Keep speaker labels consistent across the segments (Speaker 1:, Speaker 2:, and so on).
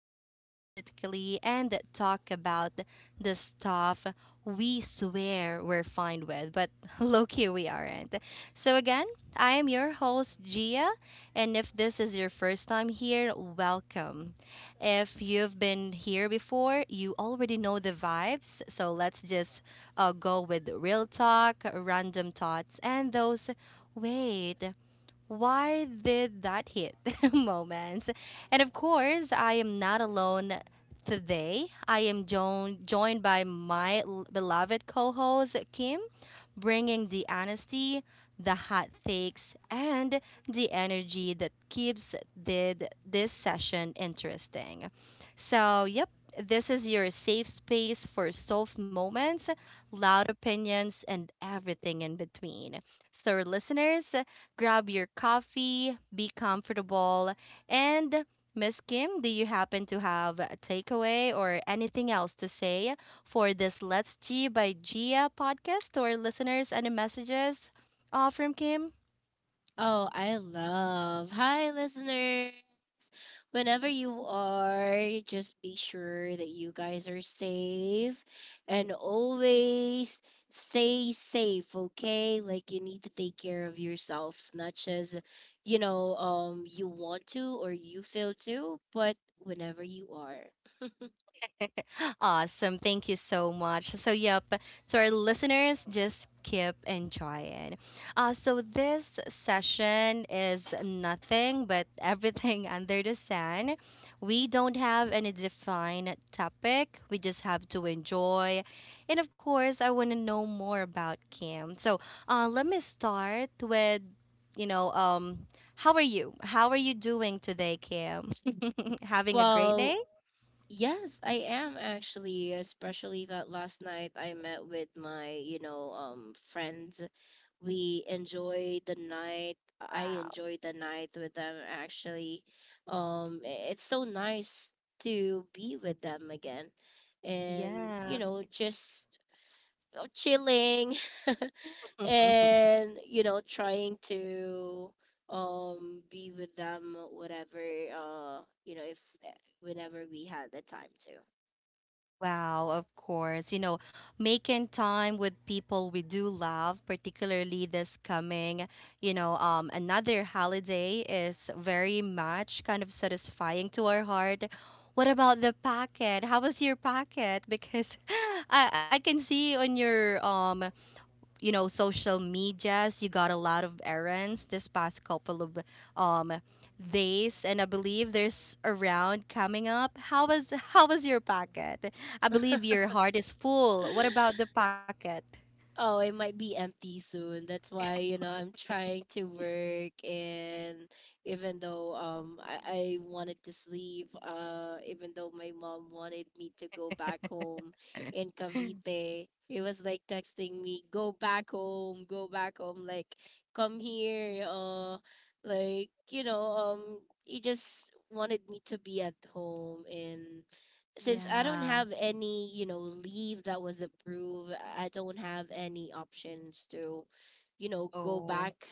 Speaker 1: unapologetically, and talk about the stuff we swear we're fine with, but low key we aren't. So, again, I am your host, Gia, and if this is your first time here, welcome. If you've been here before, you already know the vibes, so let's just I go with real talk, random thoughts, and those wait, why did that hit moments. And of course, I am not alone today. I am joined by my beloved co host, Kim, bringing the honesty, the hot takes, and the energy that keeps did this session interesting. So, yep, this is your safe space for soft moments, loud opinions, and everything in between. So, listeners, grab your coffee, be comfortable, and Miss Kim, do you happen to have a takeaway or anything else to say for this Let's G by Gia podcast to our listeners? Any messages from Kim?
Speaker 2: Oh, I love. Hi, listeners. Whenever you are, just be sure that you guys are safe and always stay safe, okay? Like you need to take care of yourself, not just, you want to or you feel to, but whenever you are.
Speaker 1: Awesome. Thank you so much. So, yep, to our listeners, just keep enjoying. This session is nothing but everything under the sun. We don't have any defined topic, we just have to enjoy. And of course, I want to know more about Kim. So, let me start with, you know, um, how are you? How are you doing today, Kim? Having a great day?
Speaker 2: Well, yes, I am actually, especially that last night I met with my, friends we enjoy the night i
Speaker 1: Wow.
Speaker 2: enjoy the night with them actually. It's so nice to be with them again and you
Speaker 1: Yeah.
Speaker 2: know just chilling and you know trying to be with them whatever you know if eh, whenever we had the time to.
Speaker 1: Wow, of course. Making time with people we do love, particularly this coming, another holiday is very much kind of satisfying to our heart. What about the packet? How was your packet? Because I can see on your you know social medias you got a lot of errands this past couple of um days, and I believe there's a round coming up. How was your pocket? I believe your heart is full. What about the pocket?
Speaker 2: Oh, it might be empty soon. That's why, you know, I'm trying to work. And even though I wanted to sleep, even though my mom wanted me to go back home in Cavite, it was like texting me, go back home, like come here, like, he just wanted me to be at home. And since I don't
Speaker 1: Yeah.
Speaker 2: have any, you know, leave that was approved, I don't have any options to, you know, go
Speaker 1: Oh
Speaker 2: back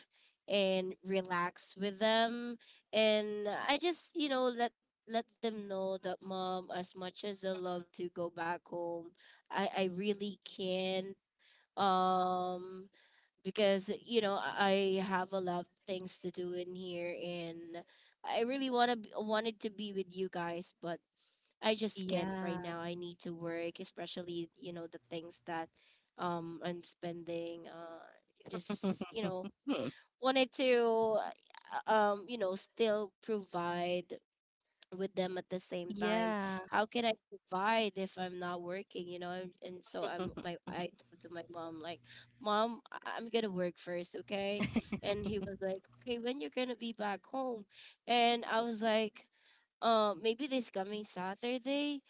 Speaker 2: and relax with them. And I just, you know, let them know that mom, as much as I love to go back home, I really can't. Um because, you know, I have a lot of things to do in here and I really wanna wanted to be with you guys, but I just can't right
Speaker 1: yeah.
Speaker 2: now. I need to work, especially you know the things that I'm spending. Just you know wanted to you know still provide with them at the same time.
Speaker 1: Yeah.
Speaker 2: How can I provide if I'm not working? You know, and so I'm my I told to my mom like, mom, I'm gonna work first, okay? And he was like, okay, when you're gonna be back home? And I was like maybe this coming Saturday.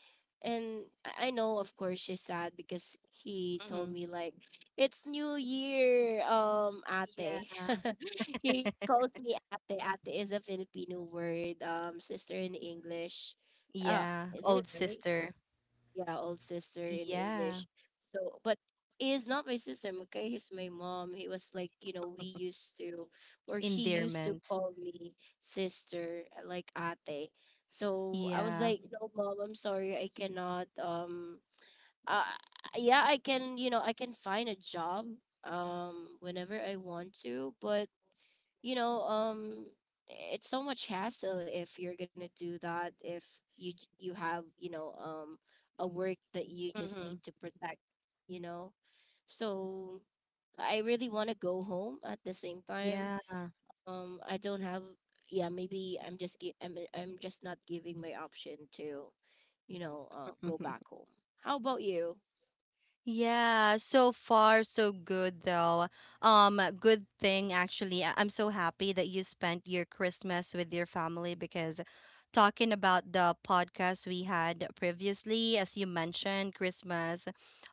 Speaker 2: And I know, of course, she's sad because he
Speaker 1: Mhm.
Speaker 2: told me like it's New Year,
Speaker 1: Yeah.
Speaker 2: ate. He calls me ate. Ate is a Filipino word, sister in English.
Speaker 1: Yeah,
Speaker 2: Is
Speaker 1: old
Speaker 2: it right?
Speaker 1: sister.
Speaker 2: Yeah, old sister in
Speaker 1: Yeah.
Speaker 2: English. So, but he is not my sister, okay? He's my mom. He was like, you know, we used to, or he used to
Speaker 1: Endearment.
Speaker 2: call me sister, like ate. So I was
Speaker 1: Yeah.
Speaker 2: like, no, mom, I'm sorry, I cannot. Uh, yeah, I can, you know, I can find a job, whenever I want to, but you know um it's so much hassle if you're gonna do that if you have a work that you just
Speaker 1: Hmm.
Speaker 2: need to protect you know. So I really want to go home at the same time.
Speaker 1: Yeah.
Speaker 2: I don't have Yeah, maybe I'm just not giving my option to you know go back home. How about you?
Speaker 1: Yeah, so far so good though. Um, good thing actually. I'm so happy that you spent your Christmas with your family, because talking about the podcast we had previously, as you mentioned Christmas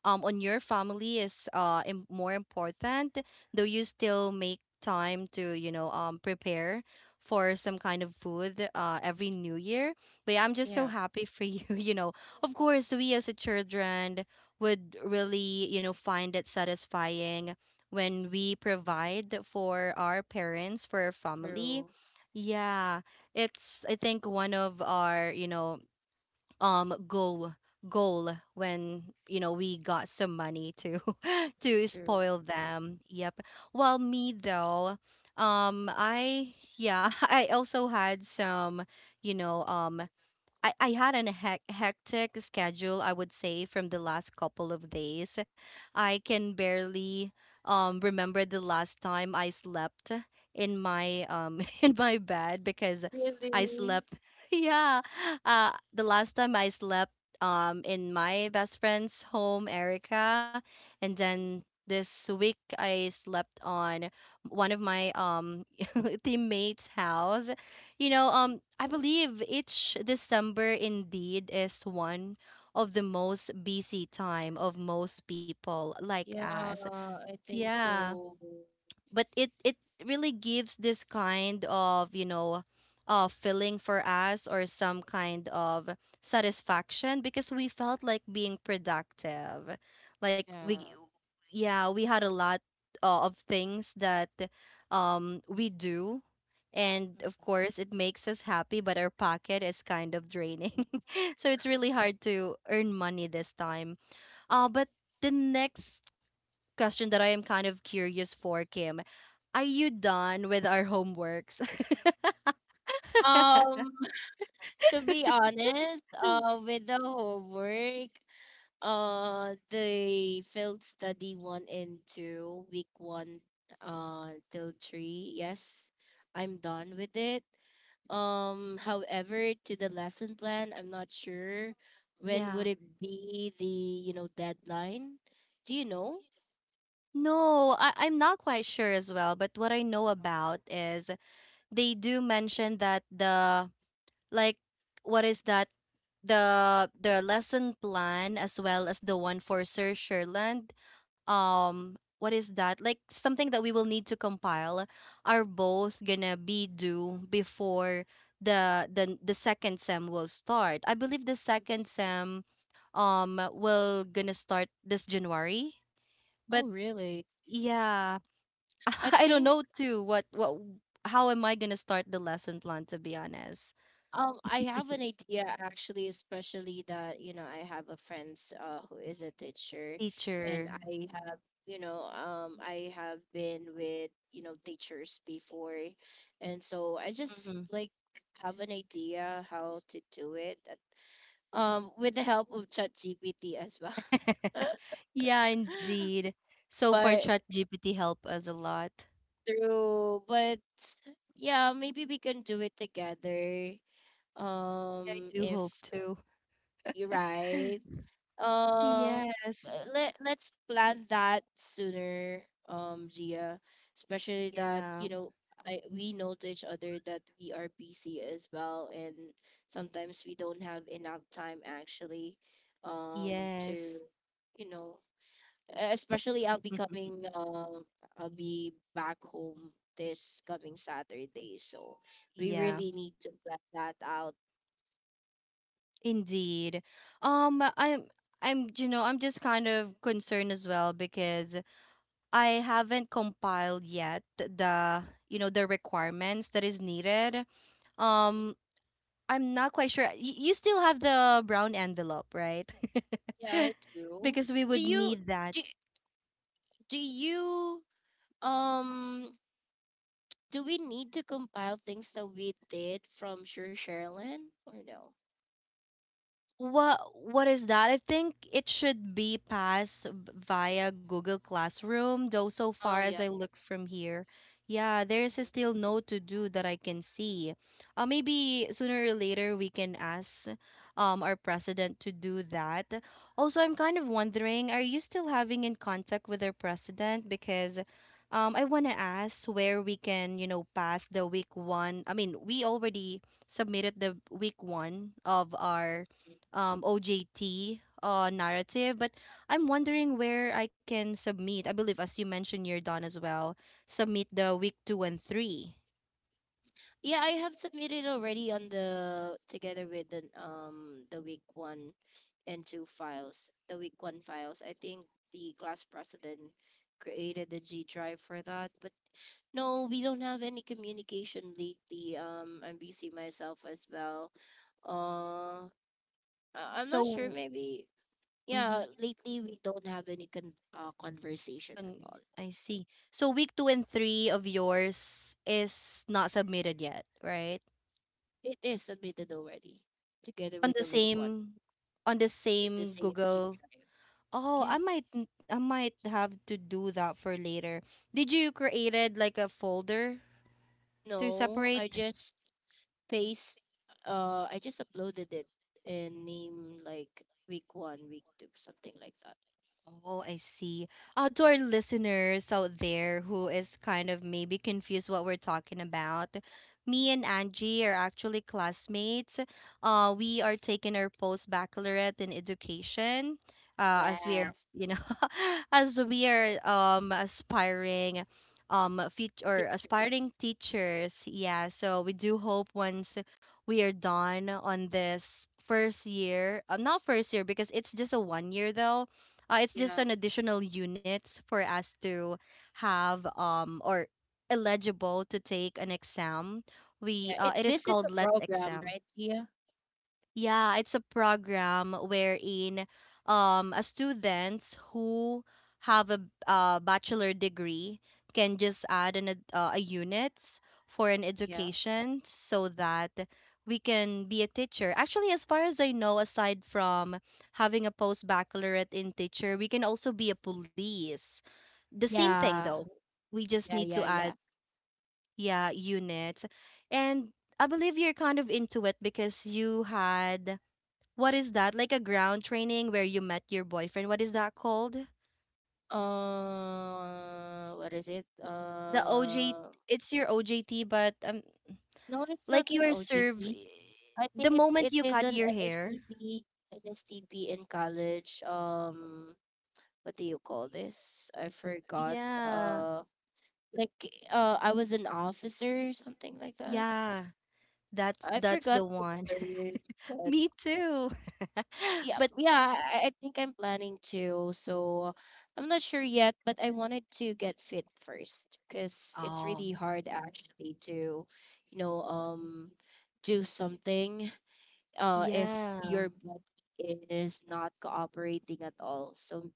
Speaker 1: on your family is more important, though you still make time to, prepare for some kind of food every new year. But yeah, I'm just so
Speaker 2: Yeah,
Speaker 1: happy for you, you know. Of course, we as a children would really, find it satisfying when we provide for our parents, for our family.
Speaker 2: true.
Speaker 1: Yeah, it's I think one of our, um goal goal when, we got some money to to
Speaker 2: True.
Speaker 1: spoil them. Yep. Well, me though, I yeah, I also had some, you know, um I had an hectic schedule, I would say, from the last couple of days. I can barely remember the last time I slept in my in my bed because I
Speaker 2: Really?
Speaker 1: slept. Yeah, the last time I slept in my best friend's home, Erica, and then this week I slept on one of my teammates' house.
Speaker 2: Mhm.
Speaker 1: I believe each December indeed is one of the most busy time of most people like
Speaker 2: Yeah,
Speaker 1: us.
Speaker 2: I think
Speaker 1: Yeah,
Speaker 2: so.
Speaker 1: but it really gives this kind of, feeling for us, or some kind of satisfaction, because we felt like being productive, like we
Speaker 2: Yeah.
Speaker 1: yeah we had a lot of things that we do, and of course it makes us happy, but our pocket is kind of draining. So it's really hard to earn money this time. But the next question that I am kind of curious for, Kim, are you done with our homeworks?
Speaker 2: Um, to be honest, with the homework, the field study one and two, week one, till three, yes, I'm done with it. However, to the lesson plan, I'm not sure when
Speaker 1: Yeah.
Speaker 2: would it be the, you know, deadline. Do you know?
Speaker 1: No, I'm not quite sure as well, but what I know about is they do mention that the like what is that the lesson plan, as well as the one for Sir Sherland. What is that? Like something that we will need to compile, are both gonna be due before the second sem will start. I believe the second sem will gonna start this January. But
Speaker 2: Oh, really?
Speaker 1: yeah,
Speaker 2: I
Speaker 1: I don't
Speaker 2: think.
Speaker 1: know too what how am I gonna start the lesson plan, to be honest.
Speaker 2: I have an idea actually, especially that, you know, I have a friends who is a teacher. And
Speaker 1: Teacher.
Speaker 2: I have, you know, I have been with, you know, teachers before. And so I just like have an idea how to do it with the help of ChatGPT as well.
Speaker 1: Yeah, indeed. So far,
Speaker 2: But
Speaker 1: ChatGPT helped us a lot.
Speaker 2: but yeah, maybe we can do it together.
Speaker 1: I do
Speaker 2: If
Speaker 1: hope to.
Speaker 2: you're right, uh,
Speaker 1: Yes.
Speaker 2: let's plan that sooner, Gia. Especially that
Speaker 1: Yeah.
Speaker 2: you know, I we know to each other that we are busy as well, and sometimes we don't have enough time actually, to,
Speaker 1: Yes.
Speaker 2: you know, especially I'll be coming, I'll be back home this coming Saturday, so we
Speaker 1: Yeah,
Speaker 2: really need to plan that out.
Speaker 1: indeed. Um, I'm I'm you know, I'm just kind of concerned as well because I haven't compiled yet the you know the requirements that is needed.
Speaker 2: Mhm.
Speaker 1: Um, I'm not quite sure. You still have the brown envelope, right?
Speaker 2: Yeah, I do.
Speaker 1: Because we
Speaker 2: Do
Speaker 1: would
Speaker 2: you?
Speaker 1: need that.
Speaker 2: do do you um do we need to compile things that we did from Sure Sherilyn or no?
Speaker 1: What is that? I think it should be passed via Google Classroom, though so far
Speaker 2: Oh
Speaker 1: as
Speaker 2: yeah.
Speaker 1: I look from here, yeah, there's a
Speaker 2: Mhm.
Speaker 1: still no to do that I can see. Maybe sooner or later we can ask our president to do that. Also, I'm kind of wondering, are you still having in contact with our president? Because I want to ask where we can, pass the week one. I mean, we already submitted the week one of our OJT narrative. But I'm wondering where I can submit. I believe, as you mentioned, you're done as well. Submit the week two and three.
Speaker 2: Yeah, I have submitted already on the together with the week one and two files. The week one files. I think the class president created the G drive for that. But no, we don't have any communication lately. I'm busy myself as well. Uh I'm not sure
Speaker 1: So,
Speaker 2: maybe.
Speaker 1: mhm,
Speaker 2: Yeah, lately we don't have any conversation
Speaker 1: and
Speaker 2: at all.
Speaker 1: I see. So week two and three of yours is not submitted yet, right?
Speaker 2: It is submitted already, together
Speaker 1: On
Speaker 2: with
Speaker 1: the
Speaker 2: the week one,
Speaker 1: same, on the
Speaker 2: at the
Speaker 1: same
Speaker 2: same G
Speaker 1: Google.
Speaker 2: Drive.
Speaker 1: Oh,
Speaker 2: Yeah.
Speaker 1: I might, I might have to do that for later. Did you created like a folder to
Speaker 2: No, I
Speaker 1: separate?
Speaker 2: just paste.
Speaker 1: Uh,
Speaker 2: I just
Speaker 1: I
Speaker 2: uploaded
Speaker 1: just
Speaker 2: it
Speaker 1: uploaded it and
Speaker 2: and name like week one,
Speaker 1: like
Speaker 2: week
Speaker 1: make one.
Speaker 2: two, something like that.
Speaker 1: Oh, I see. To our listeners out there who is kind of maybe confused what we're talking about, me and Angie are actually classmates. We are taking our post baccalaureate in education, as we are,
Speaker 2: Yes,
Speaker 1: you know, as we are aspiring, fit or aspiring
Speaker 2: teachers.
Speaker 1: teachers. Yeah, so we do hope once we are done on this first year, not first year because it's just a one year though, it's
Speaker 2: Yeah,
Speaker 1: just an additional units for us to have or eligible to take an exam. We
Speaker 2: yeah. It,
Speaker 1: it is
Speaker 2: this is the
Speaker 1: called Let
Speaker 2: program,
Speaker 1: Exam.
Speaker 2: right? yeah,
Speaker 1: Yeah, it's a program wherein a students who have a bachelor degree can just add an a units for an
Speaker 2: yeah,
Speaker 1: education so that we can be a teacher. Actually, as far as I know, aside from having a post baccalaureate in teacher, we can also be a police. The same thing
Speaker 2: yeah,
Speaker 1: though. We just
Speaker 2: yeah,
Speaker 1: need
Speaker 2: yeah,
Speaker 1: to
Speaker 2: yeah.
Speaker 1: add yeah, units. And I believe you're kind of into it because you had what is that? Like a ground training where you met your boyfriend. What is that called?
Speaker 2: What is it?
Speaker 1: The OJ it's your OJT but
Speaker 2: No, it's not
Speaker 1: like you
Speaker 2: an
Speaker 1: are served
Speaker 2: OJT. I
Speaker 1: the
Speaker 2: think it,
Speaker 1: moment
Speaker 2: it
Speaker 1: you
Speaker 2: is
Speaker 1: cut
Speaker 2: an
Speaker 1: your hair.
Speaker 2: NSTP, NSTP in college. What do you call this? I forgot.
Speaker 1: Yeah.
Speaker 2: Uh, like I was an officer or something like that.
Speaker 1: Yeah. That's
Speaker 2: I
Speaker 1: that's
Speaker 2: forgot
Speaker 1: the
Speaker 2: the
Speaker 1: one.
Speaker 2: term, but
Speaker 1: Me too.
Speaker 2: yeah,
Speaker 1: But
Speaker 2: yeah. I think I'm planning to. So I'm not sure yet, but I wanted to get fit first because it's
Speaker 1: oh,
Speaker 2: really hard actually to, you know, do something if
Speaker 1: yeah.
Speaker 2: your body is not cooperating at all. So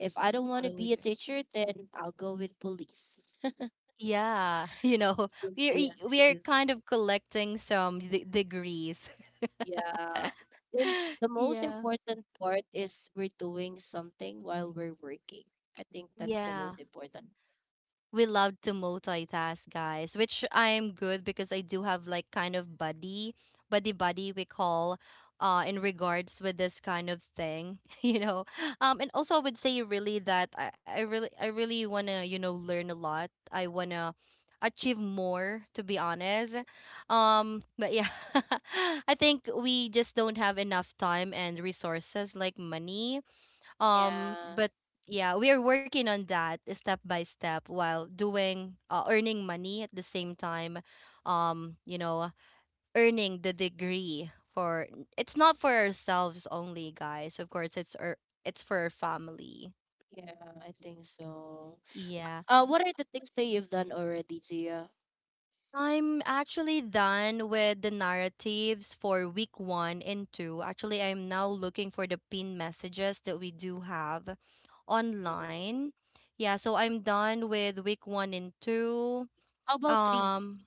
Speaker 2: if I don't want to
Speaker 1: Totally
Speaker 2: be a
Speaker 1: good.
Speaker 2: teacher, then I'll go with police.
Speaker 1: Yeah, you know,
Speaker 2: It's
Speaker 1: we
Speaker 2: simply as
Speaker 1: are, we
Speaker 2: it
Speaker 1: are
Speaker 2: is.
Speaker 1: kind of collecting some degrees.
Speaker 2: Yeah. The most
Speaker 1: Yeah.
Speaker 2: important part is we're doing something while we're working. I think that's the
Speaker 1: Yeah.
Speaker 2: most important.
Speaker 1: We love to multitask, guys, which I'm good because I do have like kind of buddy, buddy we call in regards with this kind of thing, you know. Um, and also I would say really that I really wanna, learn a lot. I wanna achieve more, to be honest. Um, but yeah. I think we just don't have enough time and resources like money,
Speaker 2: Yeah.
Speaker 1: but yeah, we are working on that step by step while doing earning money at the same time. Um, you know, earning the degree for it's not for ourselves only, guys. Of course, it's our it's for our family.
Speaker 2: Yeah, I think so.
Speaker 1: Yeah.
Speaker 2: What are the things that you've done already, Gia?
Speaker 1: I'm actually done with the narratives for week one and two. Actually, I'm now looking for the pinned messages that we do have
Speaker 2: Mm.
Speaker 1: online. Yeah, so I'm done with week one and two.
Speaker 2: How about three?
Speaker 1: Um,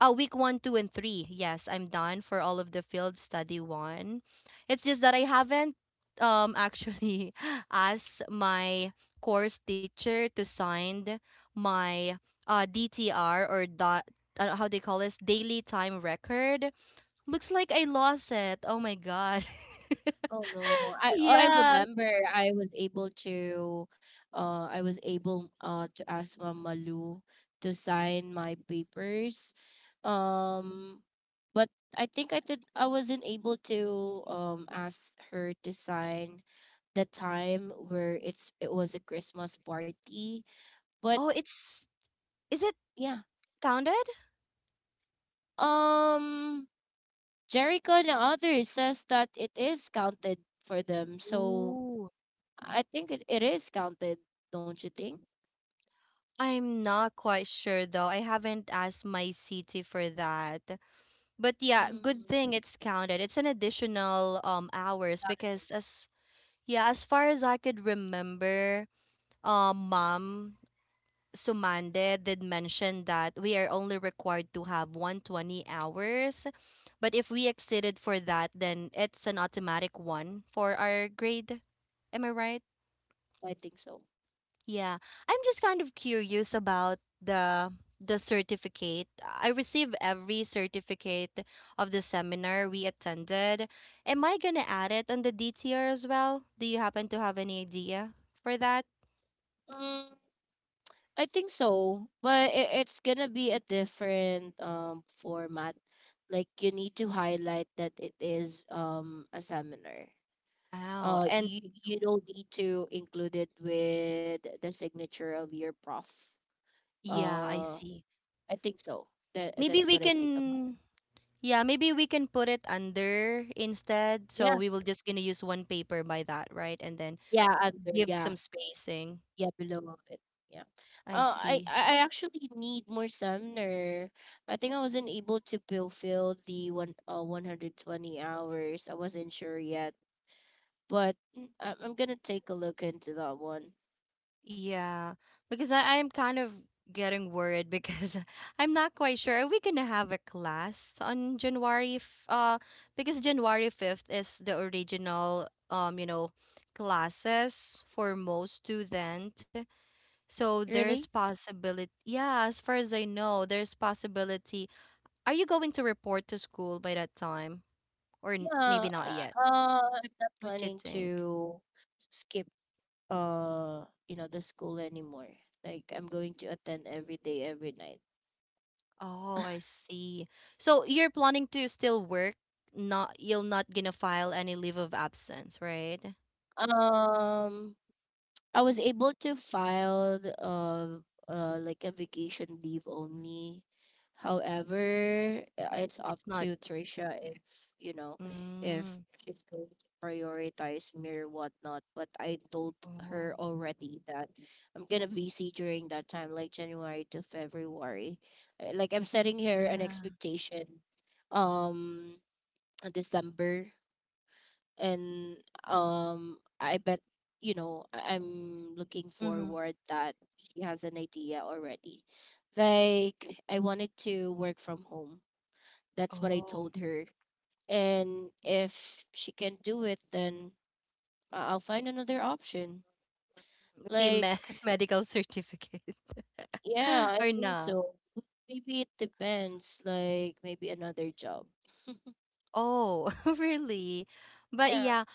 Speaker 1: week one, two, and three. Yes, I'm done for all of the field study one. It's just that I haven't actually asked my course teacher to sign my DTR or dot how they call this daily time record. Looks like I lost it. Oh my god.
Speaker 2: Oh no. I
Speaker 1: Yeah.
Speaker 2: remember I was able to I was able to ask Mama Lou to sign my papers. Um but I think I wasn't able to ask her to sign the time where it was a Christmas party. But
Speaker 1: Oh, it's is it
Speaker 2: yeah.
Speaker 1: counted?
Speaker 2: Um Jericho and others says that it is counted for them. So
Speaker 1: Ooh.
Speaker 2: I think it is counted, don't you think?
Speaker 1: I'm not quite sure though. I haven't asked my CT for that. But yeah, good
Speaker 2: Mm,
Speaker 1: thing it's counted. It's an additional hours
Speaker 2: got it.
Speaker 1: because as yeah, as far as I could remember, mom Sumande did mention that we are only required to have 120 hours, but if we exceeded for that, then it's an automatic one for our grade. Am I right?
Speaker 2: I think so.
Speaker 1: Yeah, I'm just kind of curious about the certificate. I receive every certificate of the seminar we attended. Am I gonna add it on the DTR as well? Do you happen to have any idea for that?
Speaker 2: Mm, I think so, but it's gonna be a different format. Like you need to highlight that it is a seminar.
Speaker 1: Oh, and
Speaker 2: You don't need to include it with the signature of your prof.
Speaker 1: yeah, I
Speaker 2: Uh,
Speaker 1: see.
Speaker 2: I think so. That
Speaker 1: Maybe
Speaker 2: that's
Speaker 1: we
Speaker 2: what I think about. It.
Speaker 1: can, yeah, maybe we can put it under instead. So
Speaker 2: Yeah,
Speaker 1: we will just gonna use one paper by that, right? And then
Speaker 2: yeah, under
Speaker 1: give
Speaker 2: yeah.
Speaker 1: some spacing.
Speaker 2: Yeah, below it. Yeah.
Speaker 1: I
Speaker 2: I
Speaker 1: see.
Speaker 2: I I actually need more summer. I think I wasn't able to fulfill the one 120 hours. I wasn't sure yet, but mm, I'm gonna take a look into that one.
Speaker 1: Yeah, because I'm kind of getting worried because I'm not quite sure. Are we gonna have a class on January f because January 5th is the original classes for most student. So there's
Speaker 2: Really?
Speaker 1: possibility. Yeah, as far as I know, there's possibility. Are you going to report to school by that time? Or
Speaker 2: Yeah.
Speaker 1: maybe
Speaker 2: Uh,
Speaker 1: not yet.
Speaker 2: I'm not
Speaker 1: What you
Speaker 2: planning
Speaker 1: think?
Speaker 2: to skip you know the school anymore. Like I'm going to attend every day, every night.
Speaker 1: Oh, I see. So you're planning to still work, not you'll not gonna file any leave of absence, right?
Speaker 2: Um. I was able to file like a vacation leave only. However, it's up
Speaker 1: It's not.
Speaker 2: to Trisha if you know if
Speaker 1: Mm,
Speaker 2: she's going to prioritize me or whatnot. But I told
Speaker 1: oh,
Speaker 2: her already that I'm gonna be busy during that time, like January to February. Like I'm setting her an
Speaker 1: yeah.
Speaker 2: expectation, um, in December. And I bet you know I'm looking
Speaker 1: Mm-hmm.
Speaker 2: forward that she has an idea already, like I wanted to work from home. That's what I
Speaker 1: Oh,
Speaker 2: told her. And if she can't do it then I'll find another option.
Speaker 1: maybe
Speaker 2: Like
Speaker 1: me medical certificate
Speaker 2: yeah I
Speaker 1: or
Speaker 2: think
Speaker 1: not.
Speaker 2: so. Maybe it depends, like maybe another job.
Speaker 1: Oh, really? But
Speaker 2: Yeah.
Speaker 1: yeah,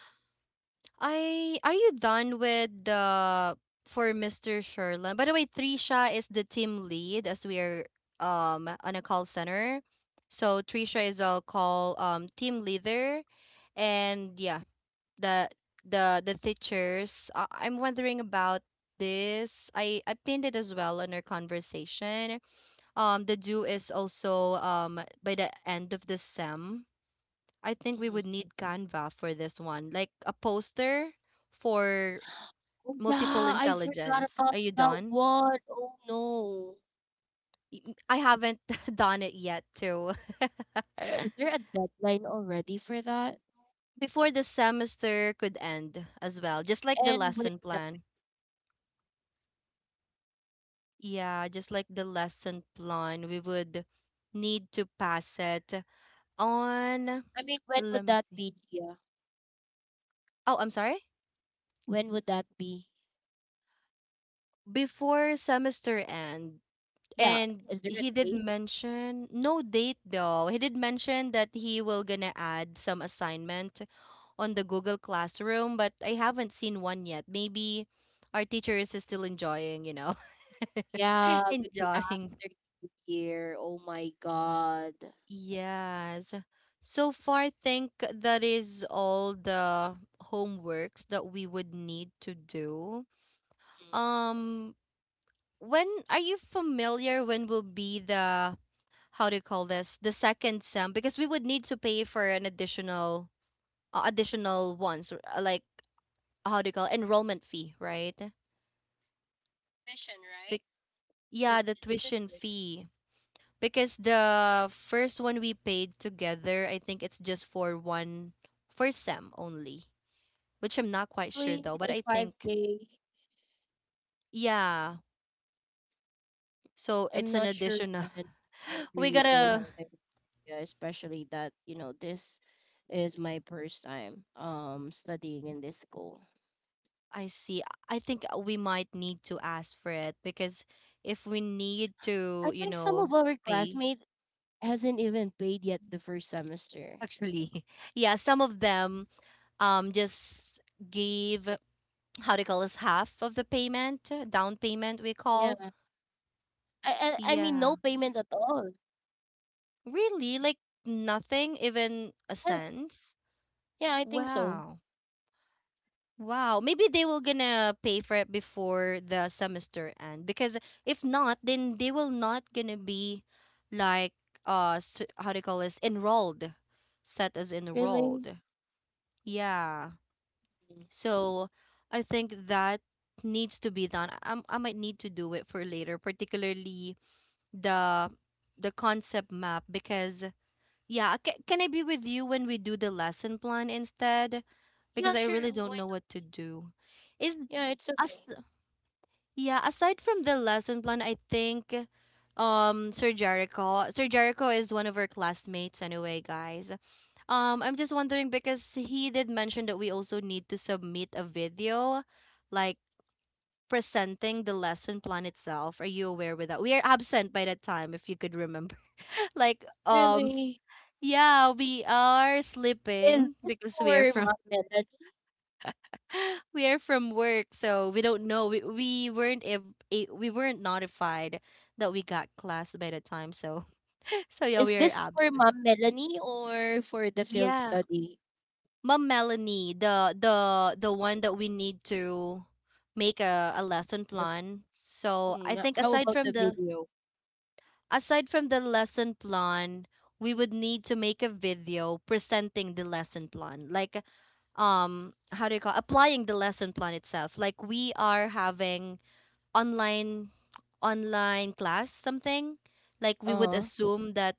Speaker 1: I are you done with the for Mr. Sherlan? By the way, Trisha is the team lead as we are on a call center. So Trisha is our call team leader, and yeah, the the teachers. I'm wondering about this. I pinned it as well in our conversation. The due is also by the end of the sem. I think we
Speaker 2: Hmm.
Speaker 1: would need Canva for this one, like a poster for
Speaker 2: Oh,
Speaker 1: multiple
Speaker 2: yeah, I forgot
Speaker 1: intelligence. Are
Speaker 2: about
Speaker 1: you
Speaker 2: that
Speaker 1: done?
Speaker 2: one. Oh no.
Speaker 1: I haven't done it yet, too.
Speaker 2: Is there a deadline already for that?
Speaker 1: Before the semester could end as well, just like the
Speaker 2: And when
Speaker 1: lesson
Speaker 2: would that be?
Speaker 1: plan. Yeah, just like the lesson plan, we would need to pass it on.
Speaker 2: I mean, when
Speaker 1: Let
Speaker 2: would
Speaker 1: me
Speaker 2: that
Speaker 1: see.
Speaker 2: be, Gia?
Speaker 1: Oh, I'm sorry.
Speaker 2: When would that be?
Speaker 1: Before semester end,
Speaker 2: Yeah,
Speaker 1: and
Speaker 2: is there a
Speaker 1: he did
Speaker 2: date?
Speaker 1: mention no date, though he did mention that he will gonna add some assignment on the Google Classroom, but I haven't seen one yet. Maybe our teacher is still enjoying,
Speaker 2: Yeah, maybe
Speaker 1: enjoying.
Speaker 2: after New Year. Oh my God.
Speaker 1: Yes, so far think that is all the homeworks that we would need to do.
Speaker 2: Mm.
Speaker 1: um when are you familiar, when will be the, how do you call this, the second sem, because we would need to pay for an additional, additional ones, like how do you call it? Enrollment fee, right?
Speaker 2: Tuition, right?
Speaker 1: Bec- yeah, the
Speaker 2: Is it the
Speaker 1: tuition
Speaker 2: tuition?
Speaker 1: fee, because the first one we paid together, I think it's just for one, for sem only, which I'm not quite sure
Speaker 2: Really?
Speaker 1: though, but
Speaker 2: The
Speaker 1: I think
Speaker 2: 5K?
Speaker 1: yeah, so
Speaker 2: I'm
Speaker 1: it's an
Speaker 2: not sure,
Speaker 1: additional,
Speaker 2: and I
Speaker 1: we
Speaker 2: really don't have
Speaker 1: gotta.
Speaker 2: any idea, especially that, you know, this is my first time studying in this school.
Speaker 1: I see. I think we might need to ask for it, because if we need
Speaker 2: I
Speaker 1: to,
Speaker 2: think some of our
Speaker 1: pay.
Speaker 2: classmates hasn't even paid yet the first semester.
Speaker 1: Actually, yeah, some of them just gave,
Speaker 2: Right.
Speaker 1: how do you call this, half of the payment, down payment we call.
Speaker 2: Yeah. I mean
Speaker 1: Yeah.
Speaker 2: no payment at all.
Speaker 1: Really? Like nothing, even a
Speaker 2: Yeah.
Speaker 1: cent?
Speaker 2: Yeah, I think so.
Speaker 1: Wow. Wow, maybe they will gonna pay for it before the semester end, because if not, then they will not gonna be like how do you call this, enrolled, set as
Speaker 2: Really?
Speaker 1: enrolled. Yeah,
Speaker 2: Mm.
Speaker 1: so I think that needs to be done. I might need to do it for later, particularly the the concept map, because yeah, can I be with you when we do the lesson plan instead? Because
Speaker 2: Yeah,
Speaker 1: I
Speaker 2: sure.
Speaker 1: really
Speaker 2: Why
Speaker 1: don't know
Speaker 2: not?
Speaker 1: what to do. Is
Speaker 2: Yeah, it's
Speaker 1: as
Speaker 2: okay.
Speaker 1: yeah, aside from the lesson plan, I think Sir Jericho. Sir Jericho is one of our classmates anyway, guys. I'm just wondering because he did mention that we also need to submit a video, like presenting the lesson plan itself. Are you aware with that? We are absent by that time, if you could remember. like
Speaker 2: Really?
Speaker 1: yeah, we are
Speaker 2: Is
Speaker 1: sleeping
Speaker 2: this
Speaker 1: because we are
Speaker 2: for
Speaker 1: from
Speaker 2: Mom Melanie?
Speaker 1: we are from work, so we don't know. We weren't if we weren't notified that we got class by the time. So so yeah,
Speaker 2: Is
Speaker 1: we are
Speaker 2: this for
Speaker 1: absent.
Speaker 2: Mom Melanie or for the field
Speaker 1: Yeah,
Speaker 2: study?
Speaker 1: Mom Melanie, the one that we need to make a lesson
Speaker 2: The,
Speaker 1: plan. So I
Speaker 2: mm,
Speaker 1: think
Speaker 2: how about the video?
Speaker 1: aside from the lesson plan, we would need to make a video presenting the lesson plan. Like how do you call, applying the lesson plan itself. Like we are having online online class, something like we would
Speaker 2: Uh-huh.
Speaker 1: assume that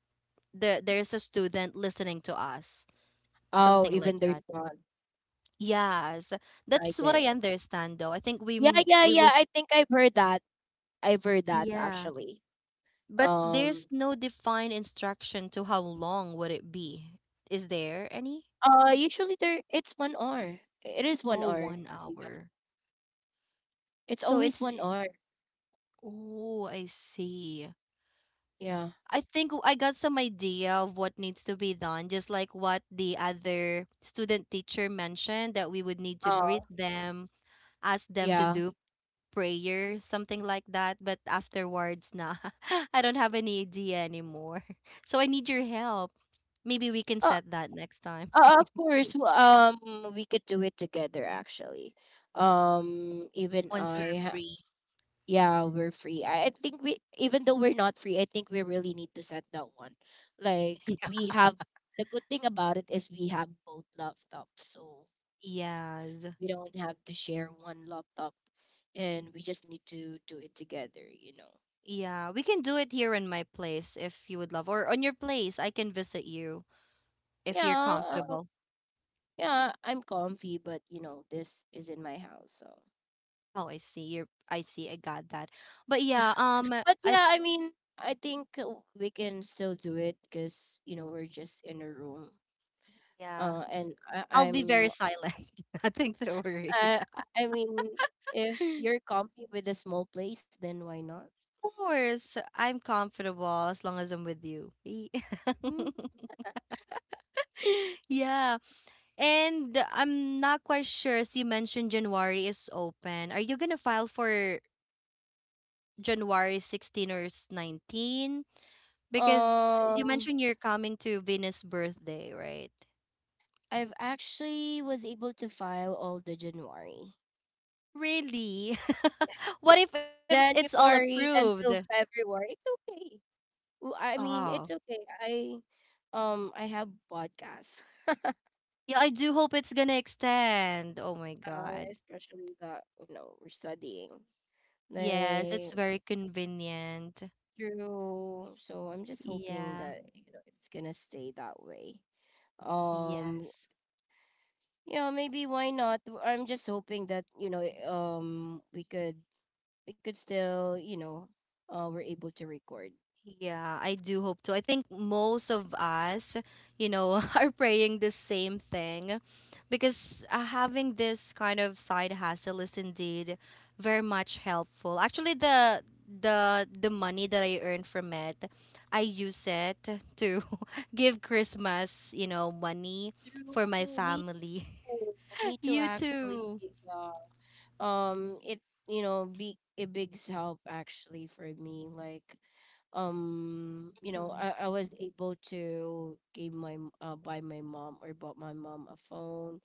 Speaker 1: there's a student listening to us,
Speaker 2: Oh,
Speaker 1: something like
Speaker 2: even there's
Speaker 1: that.
Speaker 2: none.
Speaker 1: Yes,
Speaker 2: I
Speaker 1: that's what
Speaker 2: get
Speaker 1: I
Speaker 2: it.
Speaker 1: understand, though I think
Speaker 2: Yeah, yeah,
Speaker 1: we
Speaker 2: yeah.
Speaker 1: would,
Speaker 2: I think I've heard that. I've heard that
Speaker 1: yeah.
Speaker 2: actually.
Speaker 1: But
Speaker 2: Um.
Speaker 1: there's no defined instruction to how long would it be. Is there any?
Speaker 2: Usually there it's 1 hour. It is 1
Speaker 1: Oh,
Speaker 2: hour.
Speaker 1: one
Speaker 2: Yeah.
Speaker 1: hour
Speaker 2: It's
Speaker 1: So
Speaker 2: always
Speaker 1: it's
Speaker 2: 1 hour.
Speaker 1: Oh, I see.
Speaker 2: Yeah.
Speaker 1: I think I got some idea of what needs to be done, just like what the other student teacher mentioned, that we would need to
Speaker 2: Uh,
Speaker 1: greet them, ask them to
Speaker 2: yeah.
Speaker 1: do prayer, something like that. But afterwards, nah, I don't have any idea anymore. So I need your help. Maybe we can
Speaker 2: Uh,
Speaker 1: set that next time
Speaker 2: of course, we could do it together actually. Um, even
Speaker 1: once we're
Speaker 2: I, ha-
Speaker 1: free.
Speaker 2: yeah, we're free. I think we, even though we're not free, I think we really need to set that one. Like,
Speaker 1: Yeah.
Speaker 2: we have, the good thing about it is we have both laptops, so
Speaker 1: Yes.
Speaker 2: we don't have to share one laptop, and we just need to do it together.
Speaker 1: Yeah, we can do it here in my place if you would love, or on your place. I can visit you if
Speaker 2: Yeah,
Speaker 1: you're
Speaker 2: uh,
Speaker 1: comfortable.
Speaker 2: yeah, I'm comfy, but this is in my house, so.
Speaker 1: Oh, I see. I see. I got that. But yeah,
Speaker 2: But
Speaker 1: th-
Speaker 2: yeah, I mean, I think we can still do it because we're just in a room.
Speaker 1: yeah,
Speaker 2: Uh, and I,
Speaker 1: I'll be
Speaker 2: I'm,
Speaker 1: very silent. Nothing to worry.
Speaker 2: uh, I mean, if you're comfy with a small place, then why not?
Speaker 1: Of course, I'm comfortable as long as I'm with you.
Speaker 2: Hmm.
Speaker 1: Yeah, and I'm not quite sure. As you mentioned, January is open. Are you gonna file for January 16 or 19? Because as you
Speaker 2: Um,
Speaker 1: mentioned, you're coming to Venus' birthday, right?
Speaker 2: I've actually was able to file all the January,
Speaker 1: Really? What if, it's all
Speaker 2: January
Speaker 1: approved?
Speaker 2: until February. It's okay. Ooh, I mean,
Speaker 1: Oh.
Speaker 2: it's okay. I have podcasts,
Speaker 1: Yeah, I do hope it's gonna extend. Oh my God.
Speaker 2: especially that we're studying,
Speaker 1: Yes, it's
Speaker 2: like,
Speaker 1: very convenient.
Speaker 2: through. So I'm just hoping
Speaker 1: Yeah.
Speaker 2: that it's gonna stay that way. Um,
Speaker 1: Yes.
Speaker 2: maybe why not? I'm just hoping that we could, still, we're able to record
Speaker 1: Yeah, I do hope to. I think most of us, are praying the same thing, because having this kind of side hustle is indeed very much helpful. Actually, the money that I earn from it, I use it to give Christmas, money for my
Speaker 2: through. Me
Speaker 1: family.
Speaker 2: too. Me too
Speaker 1: You
Speaker 2: actually.
Speaker 1: too.
Speaker 2: Yeah. It, be a big help actually for me, like,
Speaker 1: Mhm.
Speaker 2: I was able to give buy my mom, or bought my mom a phone,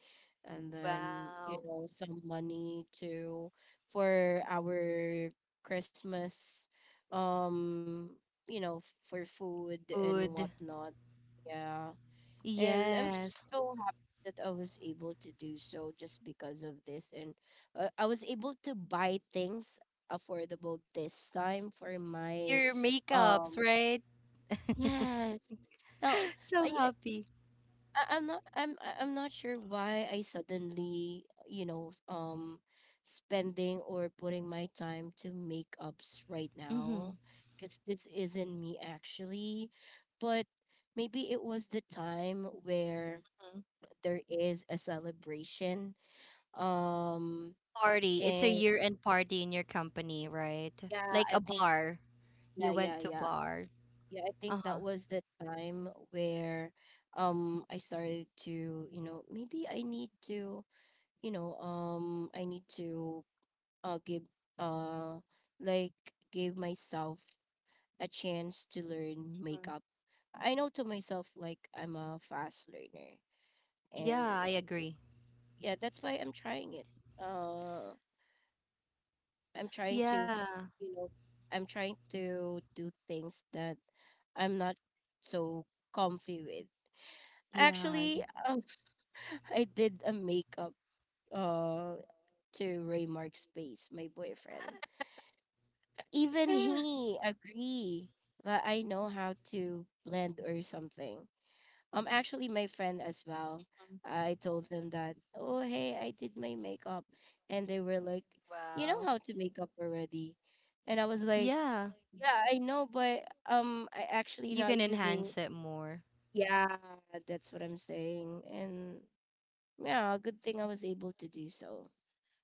Speaker 2: and then,
Speaker 1: Wow.
Speaker 2: some money to, for our Christmas, um for food and
Speaker 1: Food.
Speaker 2: whatnot. Yeah. And I'm just
Speaker 1: Yes.
Speaker 2: so happy that I was able to do so, just because of this. And I was able to buy things affordable this time for my,
Speaker 1: Your makeups,
Speaker 2: um,
Speaker 1: right?
Speaker 2: yes. Now,
Speaker 1: So
Speaker 2: I, eh,
Speaker 1: happy.
Speaker 2: I I'm not I'm I- I'm not sure why I suddenly, spending, or putting my time to makeups right now,
Speaker 1: Mm-hmm.
Speaker 2: because this isn't me actually, but maybe it was the time where there is a celebration. Um,
Speaker 1: Party. It's a
Speaker 2: and
Speaker 1: year-end party in your company, right?
Speaker 2: yeah,
Speaker 1: Like
Speaker 2: I
Speaker 1: a
Speaker 2: think.
Speaker 1: bar.
Speaker 2: Yeah,
Speaker 1: You
Speaker 2: yeah,
Speaker 1: went to
Speaker 2: yeah,
Speaker 1: bar.
Speaker 2: yeah. I think
Speaker 1: Uh-huh.
Speaker 2: that was the time where I started to, maybe I need to, I need to give, uh like, give myself a chance to learn
Speaker 1: Mhm.
Speaker 2: makeup. I know to myself, like, I'm a fast learner,
Speaker 1: Yeah,
Speaker 2: and
Speaker 1: I agree.
Speaker 2: yeah, that's why I'm trying it. Uh I'm trying to, f-
Speaker 1: Yeah.
Speaker 2: you know, I'm trying to do things that I'm not so comfy with.
Speaker 1: Yes.
Speaker 2: Actually, um, I did a makeup uh to Raymark Space, my boyfriend. Even he agree that I know how to blend or something. Actually, my friend as well. I told them that, "Oh hey, I did my makeup," and they were like, "You know
Speaker 1: Wow.
Speaker 2: how to make up already," and I was like,
Speaker 1: Yeah,
Speaker 2: "Yeah, I know." But I actually
Speaker 1: you can
Speaker 2: not using.
Speaker 1: enhance it more.
Speaker 2: Yeah, that's what I'm saying, and yeah, good thing I was able to do so.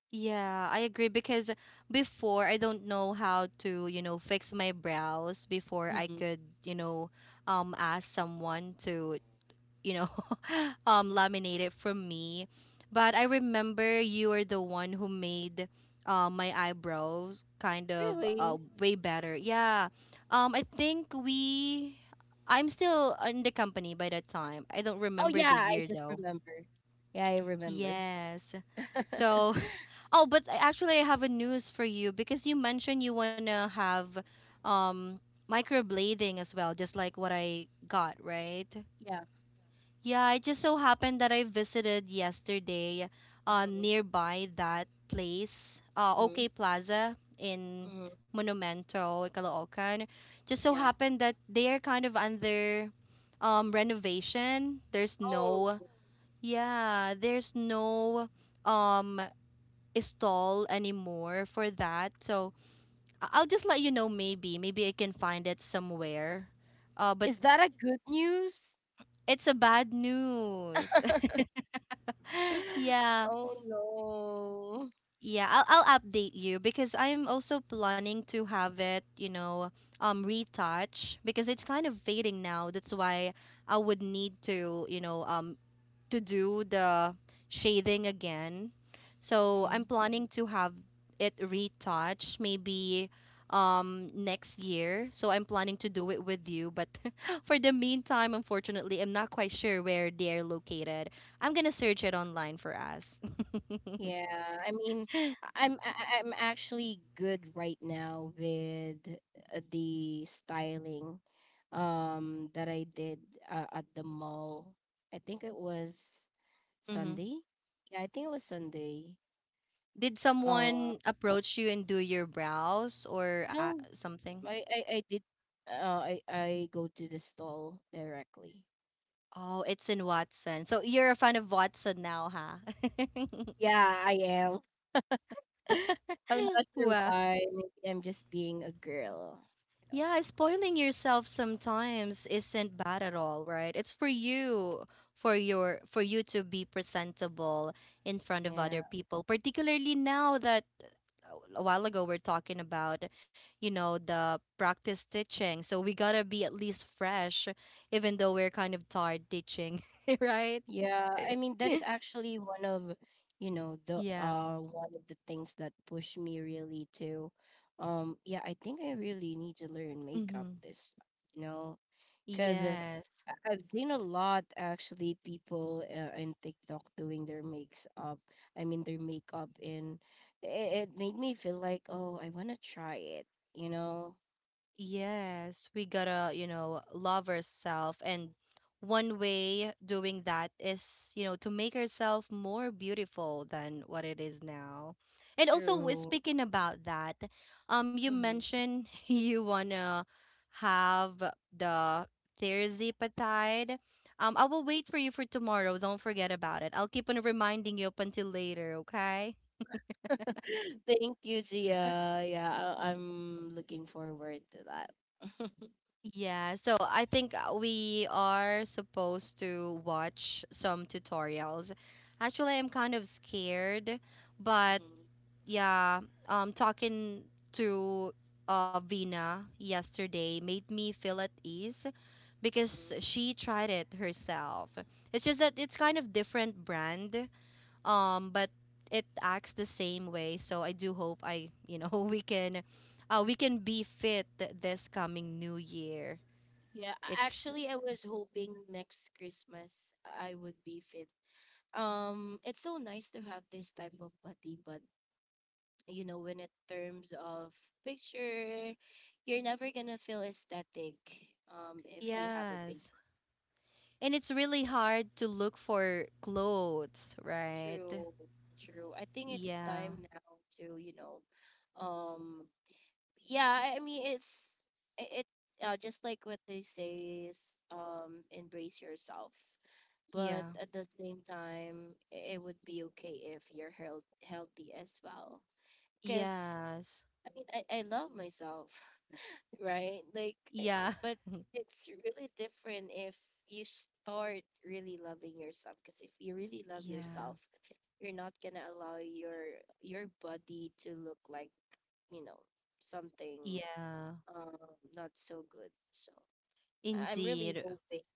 Speaker 1: Yeah, I agree, because before, I don't know how to, fix my brows. Before I
Speaker 2: Hmm.
Speaker 1: could, ask someone to, you know, laminate it from me. But I remember you were the one who made my eyebrows kind of
Speaker 2: Really?
Speaker 1: way better. Yeah. I think we. I'm still in the company by that time. I don't
Speaker 2: Oh
Speaker 1: remember
Speaker 2: yeah,
Speaker 1: the
Speaker 2: I
Speaker 1: year
Speaker 2: just
Speaker 1: though.
Speaker 2: remember. Yeah, I remember.
Speaker 1: Yes. So, oh, but actually, I have a news for you, because you mentioned you wanna have um microblading as well, just like what I got, right?
Speaker 2: Yeah.
Speaker 1: Yeah, it just so happened that I visited yesterday
Speaker 2: Hmm.
Speaker 1: nearby that place,
Speaker 2: Hmm.
Speaker 1: OK Plaza in
Speaker 2: Hmm.
Speaker 1: Monumento, Caloocan. Just so
Speaker 2: Yeah.
Speaker 1: happened that they are kind of under renovation. There's
Speaker 2: Oh,
Speaker 1: no, yeah, there's no um stall anymore for that. So I'll just let you know maybe. Maybe I can find it somewhere. But
Speaker 2: is that a good news?
Speaker 1: it's a bad news. Yeah.
Speaker 2: Oh no.
Speaker 1: Yeah, I'll update you, because I'm also planning to have it, retouch, because it's kind of fading now. That's why I would need to do the shading again. So I'm
Speaker 2: Mhm.
Speaker 1: planning to have it retouched maybe next year. So I'm planning to do it with you, but for the meantime, unfortunately, I'm not quite sure where they're located. I'm gonna search it online for us.
Speaker 2: Yeah, I mean, I'm actually good right now with the styling that I did at the mall. I think it was Sunday. Yeah, I think it was Sunday.
Speaker 1: Did
Speaker 2: Uh,
Speaker 1: someone approach you and do your brows or
Speaker 2: no,
Speaker 1: something?
Speaker 2: I did. Uh, I go to the stall directly.
Speaker 1: Oh, it's in Watson. So you're a fan of Watson now, huh?
Speaker 2: Yeah, I am. I'm not sure
Speaker 1: Wow.
Speaker 2: why. Maybe I'm just being a girl, you know.
Speaker 1: Yeah, spoiling yourself sometimes isn't bad at all, right? It's for you, for you to be presentable in front of
Speaker 2: Yeah.
Speaker 1: other people, particularly now that a while ago we're talking about, the practice teaching. So we got to be at least fresh even though we're kind of tired teaching, right?
Speaker 2: Yeah, I mean, that's actually one of, the
Speaker 1: Yeah.
Speaker 2: one of the things that pushed me really to, yeah, I think I really need to learn makeup
Speaker 1: Mhm.
Speaker 2: this, you know, cuz,
Speaker 1: Yes.
Speaker 2: I've seen a lot actually, people in TikTok doing their makes up. I mean, their makeup, and it made me feel like, "Oh, I want to try it," you know,
Speaker 1: Yes, we gotta, love ourselves. And one way doing that is, to make ourselves more beautiful than what it is now. And also,
Speaker 2: through.
Speaker 1: speaking about that, you mentioned you wanna have the Thursday patide. I will wait for you for tomorrow. Don't forget about it. I'll keep on reminding you up until later, okay?
Speaker 2: Thank you, Gia. Yeah, I'm looking forward to that.
Speaker 1: Yeah, so I think we are supposed to watch some tutorials. Actually, I'm kind of scared, but
Speaker 2: Mhm.
Speaker 1: yeah, talking to Vina yesterday made me feel at ease, because
Speaker 2: Mhm.
Speaker 1: she tried it herself. It's just that it's kind of different brand, but it acts the same way. So I do hope we can be fit this coming new year.
Speaker 2: Yeah,
Speaker 1: It's
Speaker 2: actually, I was hoping next Christmas I would be fit. It's so nice to have this type of body, but when it terms of picture, you're never gonna feel aesthetic. If you have a big
Speaker 1: Yes.
Speaker 2: butt.
Speaker 1: And it's really hard to look for clothes, right?
Speaker 2: True, true. I think it's
Speaker 1: Yeah.
Speaker 2: time now to, um, yeah, I mean, it's, it just like what they say is, embrace yourself, but
Speaker 1: Yeah.
Speaker 2: at the same time, it would be okay if you're healthy as well, because,
Speaker 1: Yes.
Speaker 2: I mean, I love myself, right, like,
Speaker 1: Yeah.
Speaker 2: but it's really different if you start really loving yourself, because if you really love
Speaker 1: Yeah.
Speaker 2: yourself, you're not gonna allow your body to look like, you know something,
Speaker 1: Yeah.
Speaker 2: um not so good. So, I'm really
Speaker 1: Indeed.
Speaker 2: hoping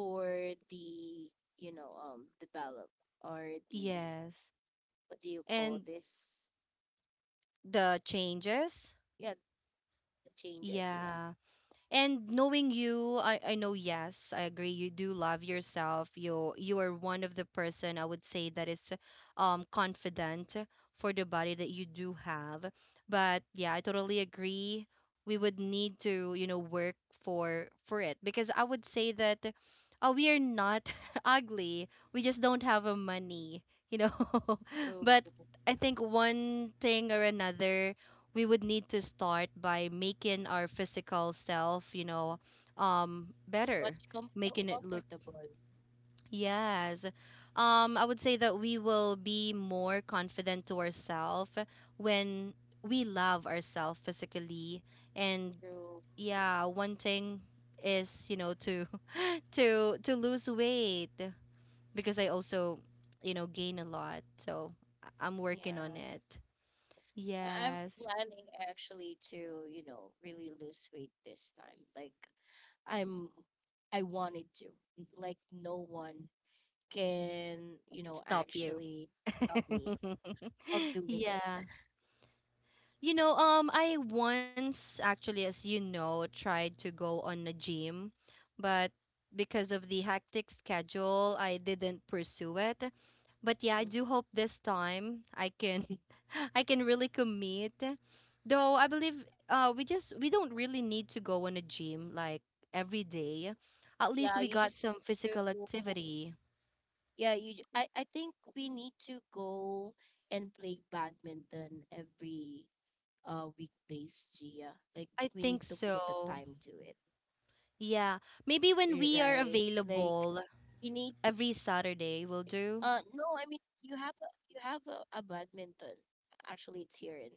Speaker 2: for the, develop, or the,
Speaker 1: Yes.
Speaker 2: what do you call
Speaker 1: And
Speaker 2: this?
Speaker 1: the changes?
Speaker 2: Yeah, the changes. Yeah,
Speaker 1: Yeah. And knowing you, I know yes, I agree. You do love yourself. You are one of the person I would say that is confident for the body that you do have. But yeah, I totally agree. We would need to, you know, work for it because I would say that we are not ugly. We just don't have a money, you know.
Speaker 2: through,
Speaker 1: But I think one thing or another, we would need to start by making our physical self, you know, better,
Speaker 2: much,
Speaker 1: making it look.
Speaker 2: comfortable,
Speaker 1: Yes. I would say that we will be more confident to ourselves when we love ourselves physically. And
Speaker 2: through,
Speaker 1: yeah, one thing is, you know, to to lose weight because I also, you know, gain a lot. So I'm working on
Speaker 2: yeah.
Speaker 1: it.
Speaker 2: I'm
Speaker 1: Yes.
Speaker 2: planning actually to, really lose weight this time. Like, I'm I wanted to. Like, no one can,
Speaker 1: Stop you.
Speaker 2: actually stop me from doing it.
Speaker 1: Yeah. You know, I once actually, as you know, tried to go on a gym, but because of the hectic schedule, I didn't pursue it. But yeah, I
Speaker 2: Mm.
Speaker 1: do hope this time I can I can really commit. Though I believe we just we don't really need to go on a gym like every day. At least
Speaker 2: Yeah,
Speaker 1: we
Speaker 2: you
Speaker 1: got
Speaker 2: just
Speaker 1: some
Speaker 2: need
Speaker 1: physical
Speaker 2: to.
Speaker 1: activity.
Speaker 2: Yeah, you. Ju- I think we need to go and play badminton every weekdays, Gia. Like,
Speaker 1: I
Speaker 2: we
Speaker 1: think
Speaker 2: need to put a
Speaker 1: so.
Speaker 2: time to it,
Speaker 1: Yeah, maybe when we are
Speaker 2: right? Like,
Speaker 1: available
Speaker 2: we need.
Speaker 1: every Saturday will do.
Speaker 2: No, I mean, you have a, a badminton. Actually, it's here in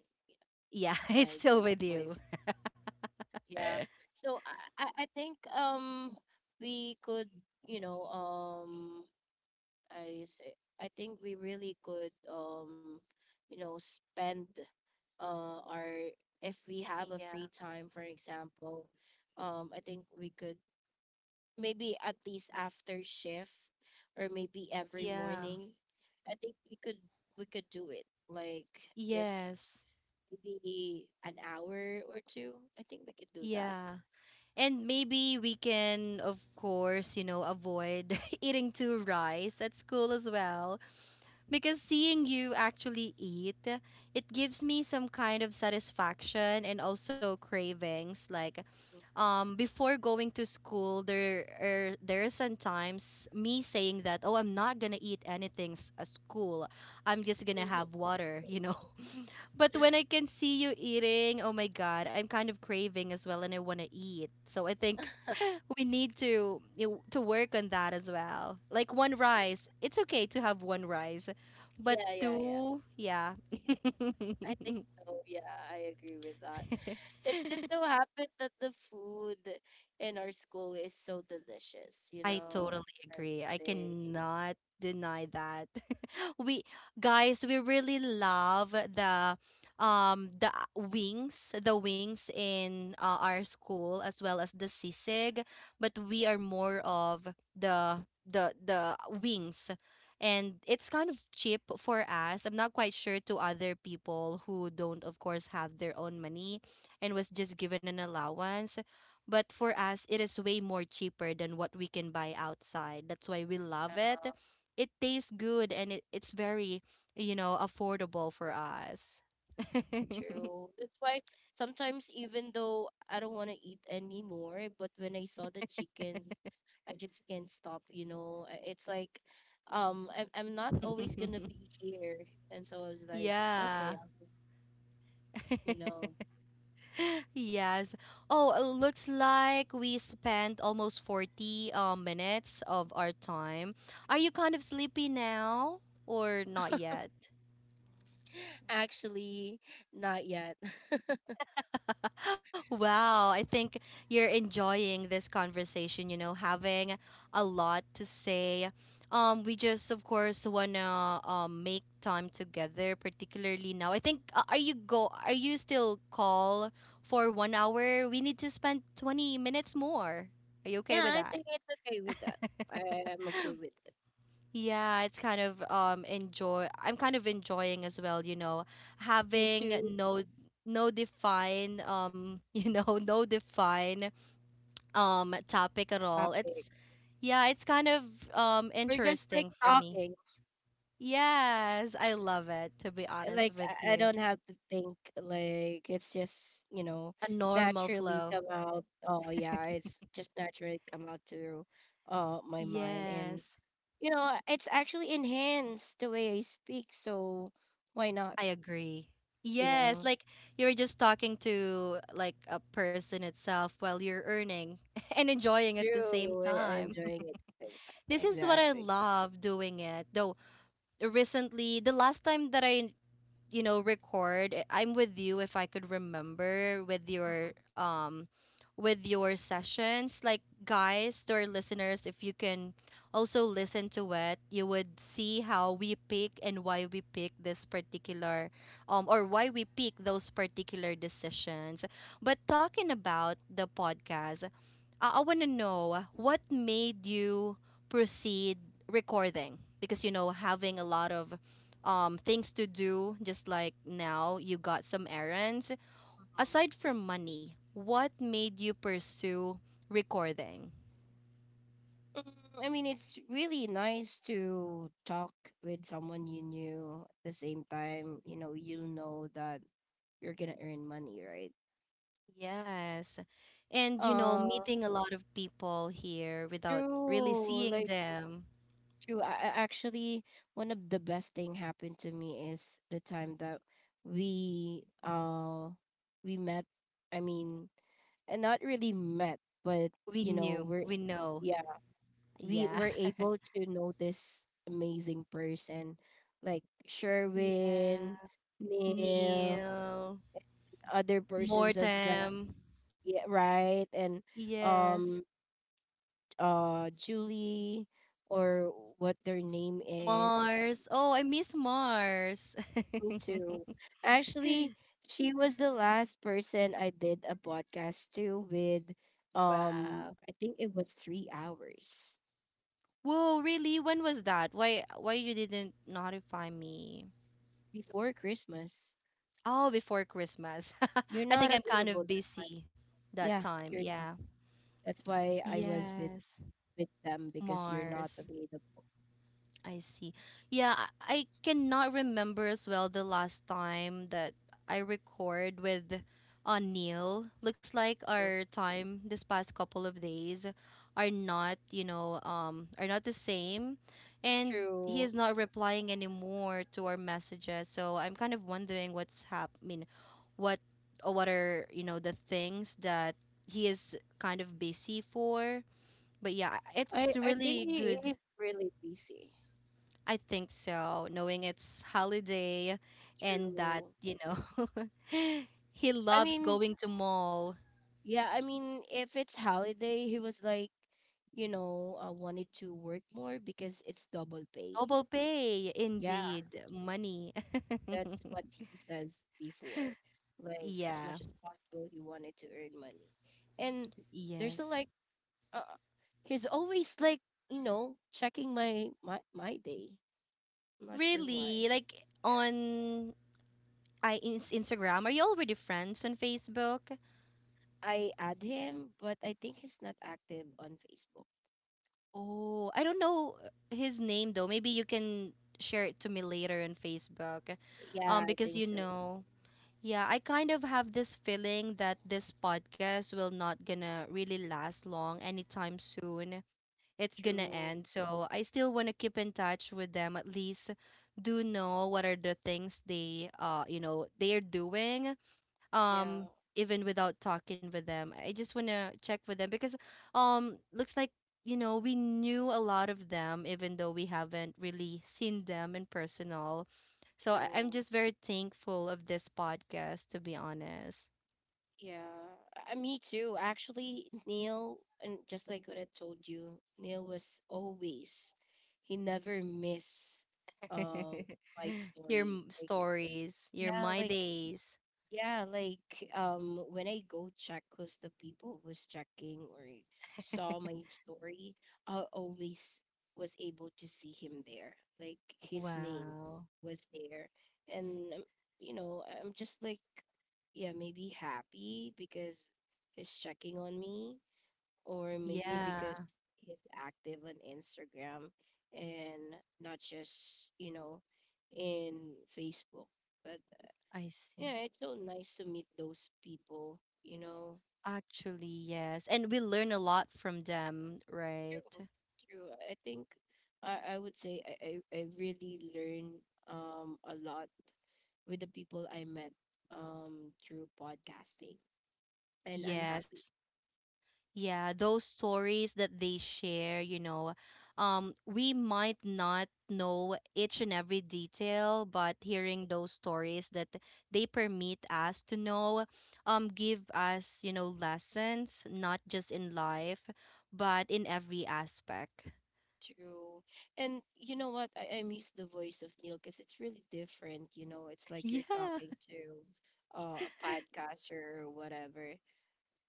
Speaker 1: Yeah, it's
Speaker 2: my
Speaker 1: still
Speaker 2: boy
Speaker 1: with
Speaker 2: boy.
Speaker 1: you.
Speaker 2: Yeah. So, I think, we could you know I say I think we really could, spend our, if we have a
Speaker 1: Yeah.
Speaker 2: free time, for example, I think we could, maybe at least after shift, or maybe every
Speaker 1: Yeah.
Speaker 2: morning, I think we could do it, like, just
Speaker 1: Yes.
Speaker 2: maybe an hour or two, I think we could do that.
Speaker 1: Yeah. And maybe we can, of course, you know, avoid eating too rice at school as well. Because seeing you actually eat, it gives me some kind of satisfaction and also cravings. Like,
Speaker 2: Mhm.
Speaker 1: before going to school, there are sometimes me saying that, oh, I'm not gonna eat anything at school. I'm just gonna
Speaker 2: Mhm.
Speaker 1: have water, you know. But when I can see you eating, oh my god, I'm kind of craving as well and I want to eat, so I think we need to to work on that as well. Like one rice, it's okay to have one rice, but
Speaker 2: Yeah, yeah, yeah,
Speaker 1: two, yeah.
Speaker 2: I think so. Yeah, I agree with that. It's just so happened that the food in our school is so delicious, you
Speaker 1: I
Speaker 2: know.
Speaker 1: totally
Speaker 2: I would
Speaker 1: agree. I
Speaker 2: say
Speaker 1: cannot deny that. We guys, we really love the wings, the wings in our school as well as the sisig, but we are more of the wings. And it's kind of cheap for us. I'm not quite sure to other people who don't, of course, have their own money and was just given an allowance. But for us, it is way more cheaper than what we can buy outside. That's why we love it. It tastes good and it's very, you know, affordable for us.
Speaker 2: true. That's why, sometimes, even though I don't want to eat anymore, but when I saw the chicken, I just can't stop. It's like, I'm not always gonna be here. And so I was like, okay,
Speaker 1: Yeah.
Speaker 2: you know,
Speaker 1: Yes. Oh, it looks like we spent almost 40 minutes of our time. Are you kind of sleepy now or not yet?
Speaker 2: actually not yet.
Speaker 1: Wow, I think you're enjoying this conversation, you know, having a lot to say. We just, of course, wanna make time together, particularly now. I think, are you go? Are you still call for 1 hour? We need to spend 20 minutes more. Are you okay
Speaker 2: Yeah,
Speaker 1: with
Speaker 2: I
Speaker 1: that?
Speaker 2: think it's okay with that. I'm okay with it.
Speaker 1: Yeah, it's kind of enjoy, I'm kind of enjoying as well, you know,
Speaker 2: Me too.
Speaker 1: having no no define you know, no define topic at all.
Speaker 2: Topic.
Speaker 1: It's yeah, it's kind of
Speaker 2: We're just like
Speaker 1: interesting for me.
Speaker 2: talking.
Speaker 1: Yes, I love it, to be
Speaker 2: eh,
Speaker 1: honest
Speaker 2: Like
Speaker 1: with
Speaker 2: I
Speaker 1: you.
Speaker 2: don't have to think. Like, it's just,
Speaker 1: A normal
Speaker 2: naturally
Speaker 1: flow.
Speaker 2: come out. Oh yeah, it's just naturally come out to my mind, and
Speaker 1: Yes,
Speaker 2: it's actually enhanced the way I speak. So why not?
Speaker 1: I agree.
Speaker 2: You
Speaker 1: Yes,
Speaker 2: know,
Speaker 1: like you're just talking to like a person itself while you're earning and enjoying at the same
Speaker 2: through
Speaker 1: time.
Speaker 2: enjoying it. eh,
Speaker 1: This is what I
Speaker 2: Exactly.
Speaker 1: love doing it. Though recently, the last time that I, you know, record I'm with you, if I could remember, with your sessions. Like, guys, to our listeners, if you can also listen to it, you would see how we pick and why we pick this particular or why we pick those particular decisions. But talking about the podcast, I want to know what made you proceed recording because, you know, having a lot of things to do, just like now you got some errands, aside from money, what made you pursue recording?
Speaker 2: Mm, I mean, it's really nice to talk with someone you knew. At the same time, you'll know that you're gonna earn money, right?
Speaker 1: Yes, and you know,
Speaker 2: Uh,
Speaker 1: meeting a lot of people here without really
Speaker 2: true.
Speaker 1: seeing
Speaker 2: Like,
Speaker 1: them.
Speaker 2: true. I actually, one of the best thing happened to me is the time that we uh we met. I mean, and not really met, but
Speaker 1: We
Speaker 2: you know,
Speaker 1: knew,
Speaker 2: we're
Speaker 1: we know,
Speaker 2: yeah, we
Speaker 1: yeah.
Speaker 2: were able to know this amazing person like
Speaker 1: Yeah,
Speaker 2: Sherwin, Neil,
Speaker 1: Neil.
Speaker 2: other persons as well.
Speaker 1: Mortem.
Speaker 2: Yeah, right. And
Speaker 1: Yes.
Speaker 2: um Julie, or what their name is.
Speaker 1: Mars. Oh, I miss Mars.
Speaker 2: Me too. Actually, she was the last person I did a podcast to with,
Speaker 1: Wow.
Speaker 2: I think it was 3 hours
Speaker 1: Whoa, really? When was that? Why you didn't notify me?
Speaker 2: before Christmas.
Speaker 1: Oh, before Christmas.
Speaker 2: You're
Speaker 1: I
Speaker 2: not
Speaker 1: think I'm kind
Speaker 2: available
Speaker 1: of
Speaker 2: that time.
Speaker 1: busy that
Speaker 2: Yeah,
Speaker 1: time.
Speaker 2: you're
Speaker 1: Yeah.
Speaker 2: not. That's why I was with
Speaker 1: Yes.
Speaker 2: them because you're not
Speaker 1: Mars.
Speaker 2: available.
Speaker 1: I see. Yeah, I cannot remember as well the last time that I record with Neil. Looks like
Speaker 2: Mm.
Speaker 1: our time this past couple of days are not, you know, are not the same, and he is
Speaker 2: True.
Speaker 1: not replying anymore to our messages. So I'm kind of wondering what's happening, what or what are, you know, the things that he is kind of busy for. But yeah,
Speaker 2: I
Speaker 1: it's
Speaker 2: I think
Speaker 1: really
Speaker 2: he
Speaker 1: good.
Speaker 2: is really busy.
Speaker 1: I think so, knowing it's holiday and that,
Speaker 2: True.
Speaker 1: you know, he
Speaker 2: I
Speaker 1: loves
Speaker 2: mean,
Speaker 1: going to mall.
Speaker 2: yeah. I mean, if it's holiday, he was like, wanted to work more because it's double pay.
Speaker 1: Double pay,
Speaker 2: Yeah,
Speaker 1: indeed. Money.
Speaker 2: that's what he says before. Like, as
Speaker 1: Yeah.
Speaker 2: much as possible, he wanted to earn money, and there's a
Speaker 1: Yes.
Speaker 2: like, uh, he's always like, checking my day. Not sure why.
Speaker 1: Really? Like
Speaker 2: Yeah.
Speaker 1: on I Instagram? Are you already friends on Facebook?
Speaker 2: I add him, but I think he's not active on Facebook.
Speaker 1: Oh, I don't know his name though. Maybe you can share it to me later on Facebook.
Speaker 2: Yeah, I
Speaker 1: Because
Speaker 2: think
Speaker 1: you
Speaker 2: so.
Speaker 1: know, yeah, I kind of have this feeling that this podcast will not gonna really last long anytime soon. It's gonna
Speaker 2: True.
Speaker 1: end. So I still wanna keep in touch with them, at least do know what are the things they you know they're doing.
Speaker 2: Yeah,
Speaker 1: Um even without talking with them. I just wanna check with them because looks like, you know, we knew a lot of them even though we haven't really seen them in personal. So I'm
Speaker 2: true.
Speaker 1: just very thankful of this podcast, to be honest.
Speaker 2: Yeah. Me too. Actually, Neil, and just like what I told you, Neil was always, he never miss uh my
Speaker 1: Your
Speaker 2: story. Like,
Speaker 1: stories, your
Speaker 2: yeah,
Speaker 1: my days.
Speaker 2: When I go check, cause the people who was checking or saw my story, I always was able to see him there. Like, his name
Speaker 1: Wow.
Speaker 2: was there. And I'm just like, yeah, maybe happy because he's checking on me, or maybe because
Speaker 1: Yeah,
Speaker 2: he's active on Instagram, and not just, in Facebook. But
Speaker 1: I see.
Speaker 2: yeah, it's so nice to meet those people.
Speaker 1: Actually, yes. And we learn a lot from them, right?
Speaker 2: True, true. I think, I would say, I really learn a lot with the people I met, through podcasting. And I'm
Speaker 1: Yes.
Speaker 2: happy.
Speaker 1: Yeah, those stories that they share, you know, we might not know each and every detail, but hearing those stories that they permit us to know, give us, you know, lessons, not just in life, but in every aspect.
Speaker 2: True. And you know what? I miss the voice of Neil because it's really different. It's like you're
Speaker 1: Yeah,
Speaker 2: talking to a podcaster or whatever.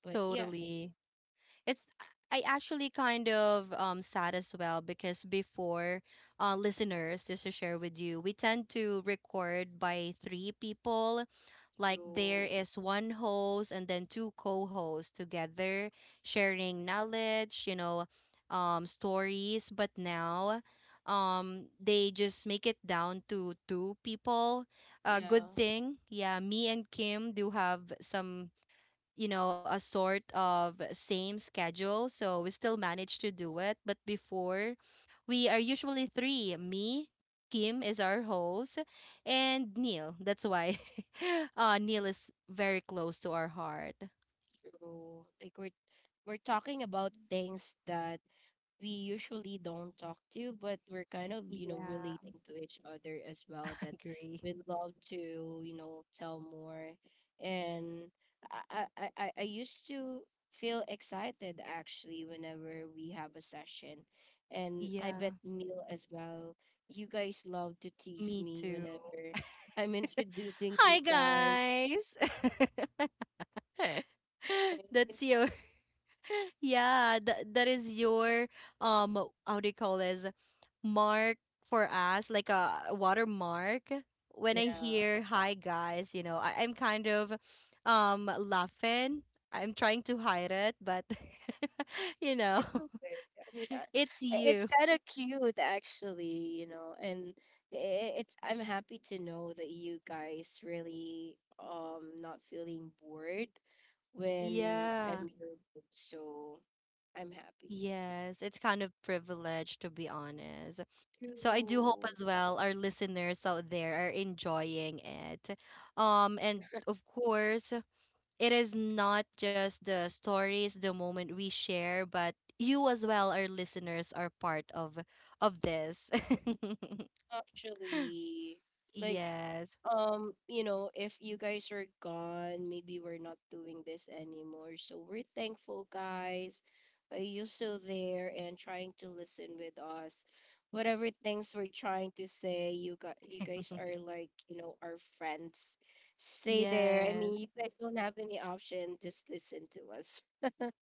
Speaker 2: But yeah,
Speaker 1: totally. It's I actually kind of sad as well because before, listeners, just to share with you, we tend to record by three people. Like there
Speaker 2: through,
Speaker 1: is one host and then two co-hosts together sharing knowledge, you know, stories, but now they just make it down to two people. Uh, good
Speaker 2: yeah.
Speaker 1: thing. Yeah, me and Kim do have some, you know, a sort of same schedule. So we still manage to do it. But before, we are usually three: me, Kim is our host, and Neil. That's why Neil is very close to our heart.
Speaker 2: True. Like, we're talking about things that we usually don't talk to, but we're kind of,
Speaker 1: Yeah,
Speaker 2: relating to each other as well, that
Speaker 1: agree.
Speaker 2: we'd love to, tell more. And I used to feel excited actually whenever we have a session. And I bet
Speaker 1: Yeah,
Speaker 2: Neil as well. You guys love to tease
Speaker 1: me
Speaker 2: me
Speaker 1: too.
Speaker 2: whenever I'm introducing you
Speaker 1: Hi,
Speaker 2: guys.
Speaker 1: guys.
Speaker 2: right?
Speaker 1: That's your yeah, that is your um how do you call this, mark for us, like a watermark. When I
Speaker 2: Yeah.
Speaker 1: hear hi guys, you know, I'm kind of laughing. I'm trying to hide it, but you know,
Speaker 2: Okay, I mean,
Speaker 1: it's
Speaker 2: it's
Speaker 1: you.
Speaker 2: kind of cute actually, you know, and it's I'm happy to know that you guys really not feeling bored when I'm
Speaker 1: Yeah.
Speaker 2: your age, so I'm happy.
Speaker 1: Yes, it's kind of privilege, to be honest. So I do hope
Speaker 2: True.
Speaker 1: as well our listeners out there are enjoying it. And of course, it is not just the stories, the moment we share, but you as well, our listeners, are part of this.
Speaker 2: Actually, like,
Speaker 1: Yes.
Speaker 2: if you guys are gone, maybe we're not doing this anymore. So we're thankful, guys. You're still there and trying to listen with us. Whatever things we're trying to say, you guys are like, you know, our friends. Stay there. I mean, you
Speaker 1: Yes.
Speaker 2: guys don't have any option. Just listen to us.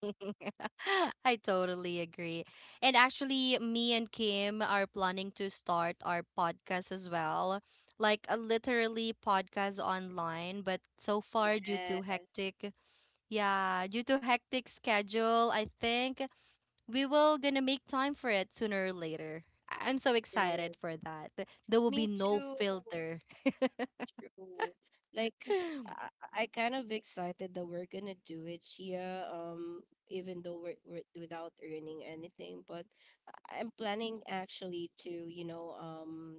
Speaker 1: I totally agree. And actually, me and Kim are planning to start our podcast as well. Like a literally podcast online, but so far due
Speaker 2: Yes,
Speaker 1: to hectic, yeah, due to hectic schedule, I think we will gonna make time for it sooner or later. I'm so
Speaker 2: true.
Speaker 1: excited for that. There will
Speaker 2: Me
Speaker 1: be no
Speaker 2: too.
Speaker 1: filter.
Speaker 2: True. Like I, I kind of excited that we're gonna do it here. Even though we're without earning anything, but I'm planning actually to, you know, um,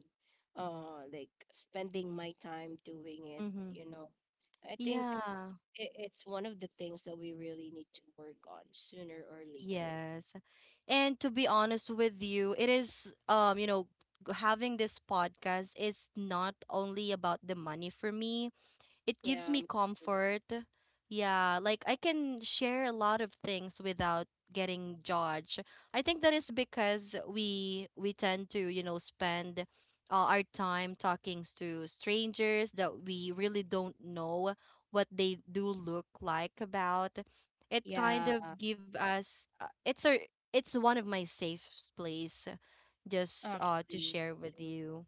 Speaker 2: uh, like, spending my time doing it.
Speaker 1: Hmm.
Speaker 2: You know, I think
Speaker 1: Yeah.
Speaker 2: it's one of the things that we really need to work on sooner or later.
Speaker 1: Yes. And to be honest with you, it is you know, having this podcast is not only about the money for me. It gives
Speaker 2: Yeah, me
Speaker 1: me
Speaker 2: too.
Speaker 1: comfort. Yeah, like I can share a lot of things without getting judged. I think that is because we tend to, you know, spend our time talking to strangers that we really don't know what they do look like about. It
Speaker 2: Yeah,
Speaker 1: kind of give us it's a it's one of my safe place, just to
Speaker 2: actually,
Speaker 1: share with
Speaker 2: too.
Speaker 1: you.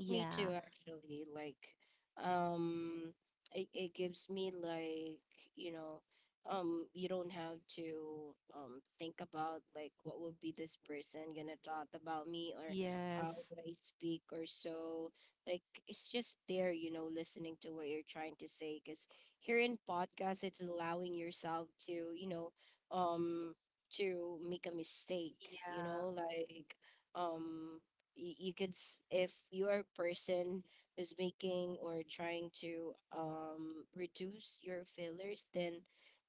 Speaker 2: Me too, actually. Um, it gives me like, you know, you don't have to think about like what would be this person gonna talk about me, or how would
Speaker 1: Yes.
Speaker 2: I speak or so. Like, it's just there, you know, listening to what you're trying to say. Because here in podcast, it's allowing yourself to, you know, um, to make a mistake.
Speaker 1: Yeah.
Speaker 2: Um you could if you're a person who's making or trying to reduce your failures, then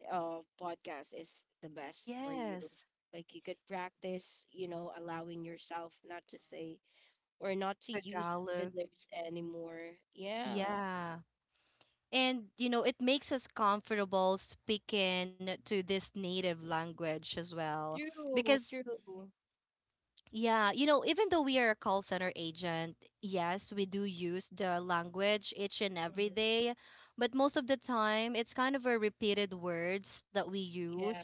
Speaker 2: podcast is the best for you.
Speaker 1: Yes,
Speaker 2: Like, you could practice, you know, allowing yourself not to say or not to use
Speaker 1: Tagalog.
Speaker 2: fillers anymore, yeah.
Speaker 1: Yeah. And, you know, it makes us comfortable speaking to this native language as well.
Speaker 2: True.
Speaker 1: Because
Speaker 2: True.
Speaker 1: yeah, you know, even though we are a call center agent, yes, we do use the language each and
Speaker 2: Mhm.
Speaker 1: every day, but most of the time it's kind of a repeated words that we
Speaker 2: Yeah.
Speaker 1: use.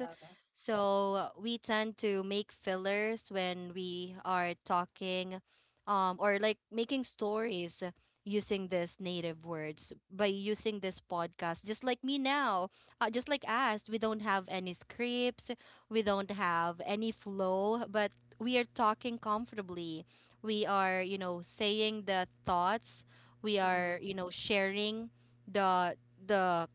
Speaker 1: So we tend to make fillers when we are talking, or like making stories using these native words by using this podcast. Just like me now, just like us, we don't have any scripts, we don't have any flow, but we are talking comfortably. We are saying the thoughts. we
Speaker 2: Mm-hmm.
Speaker 1: are you know sharing the the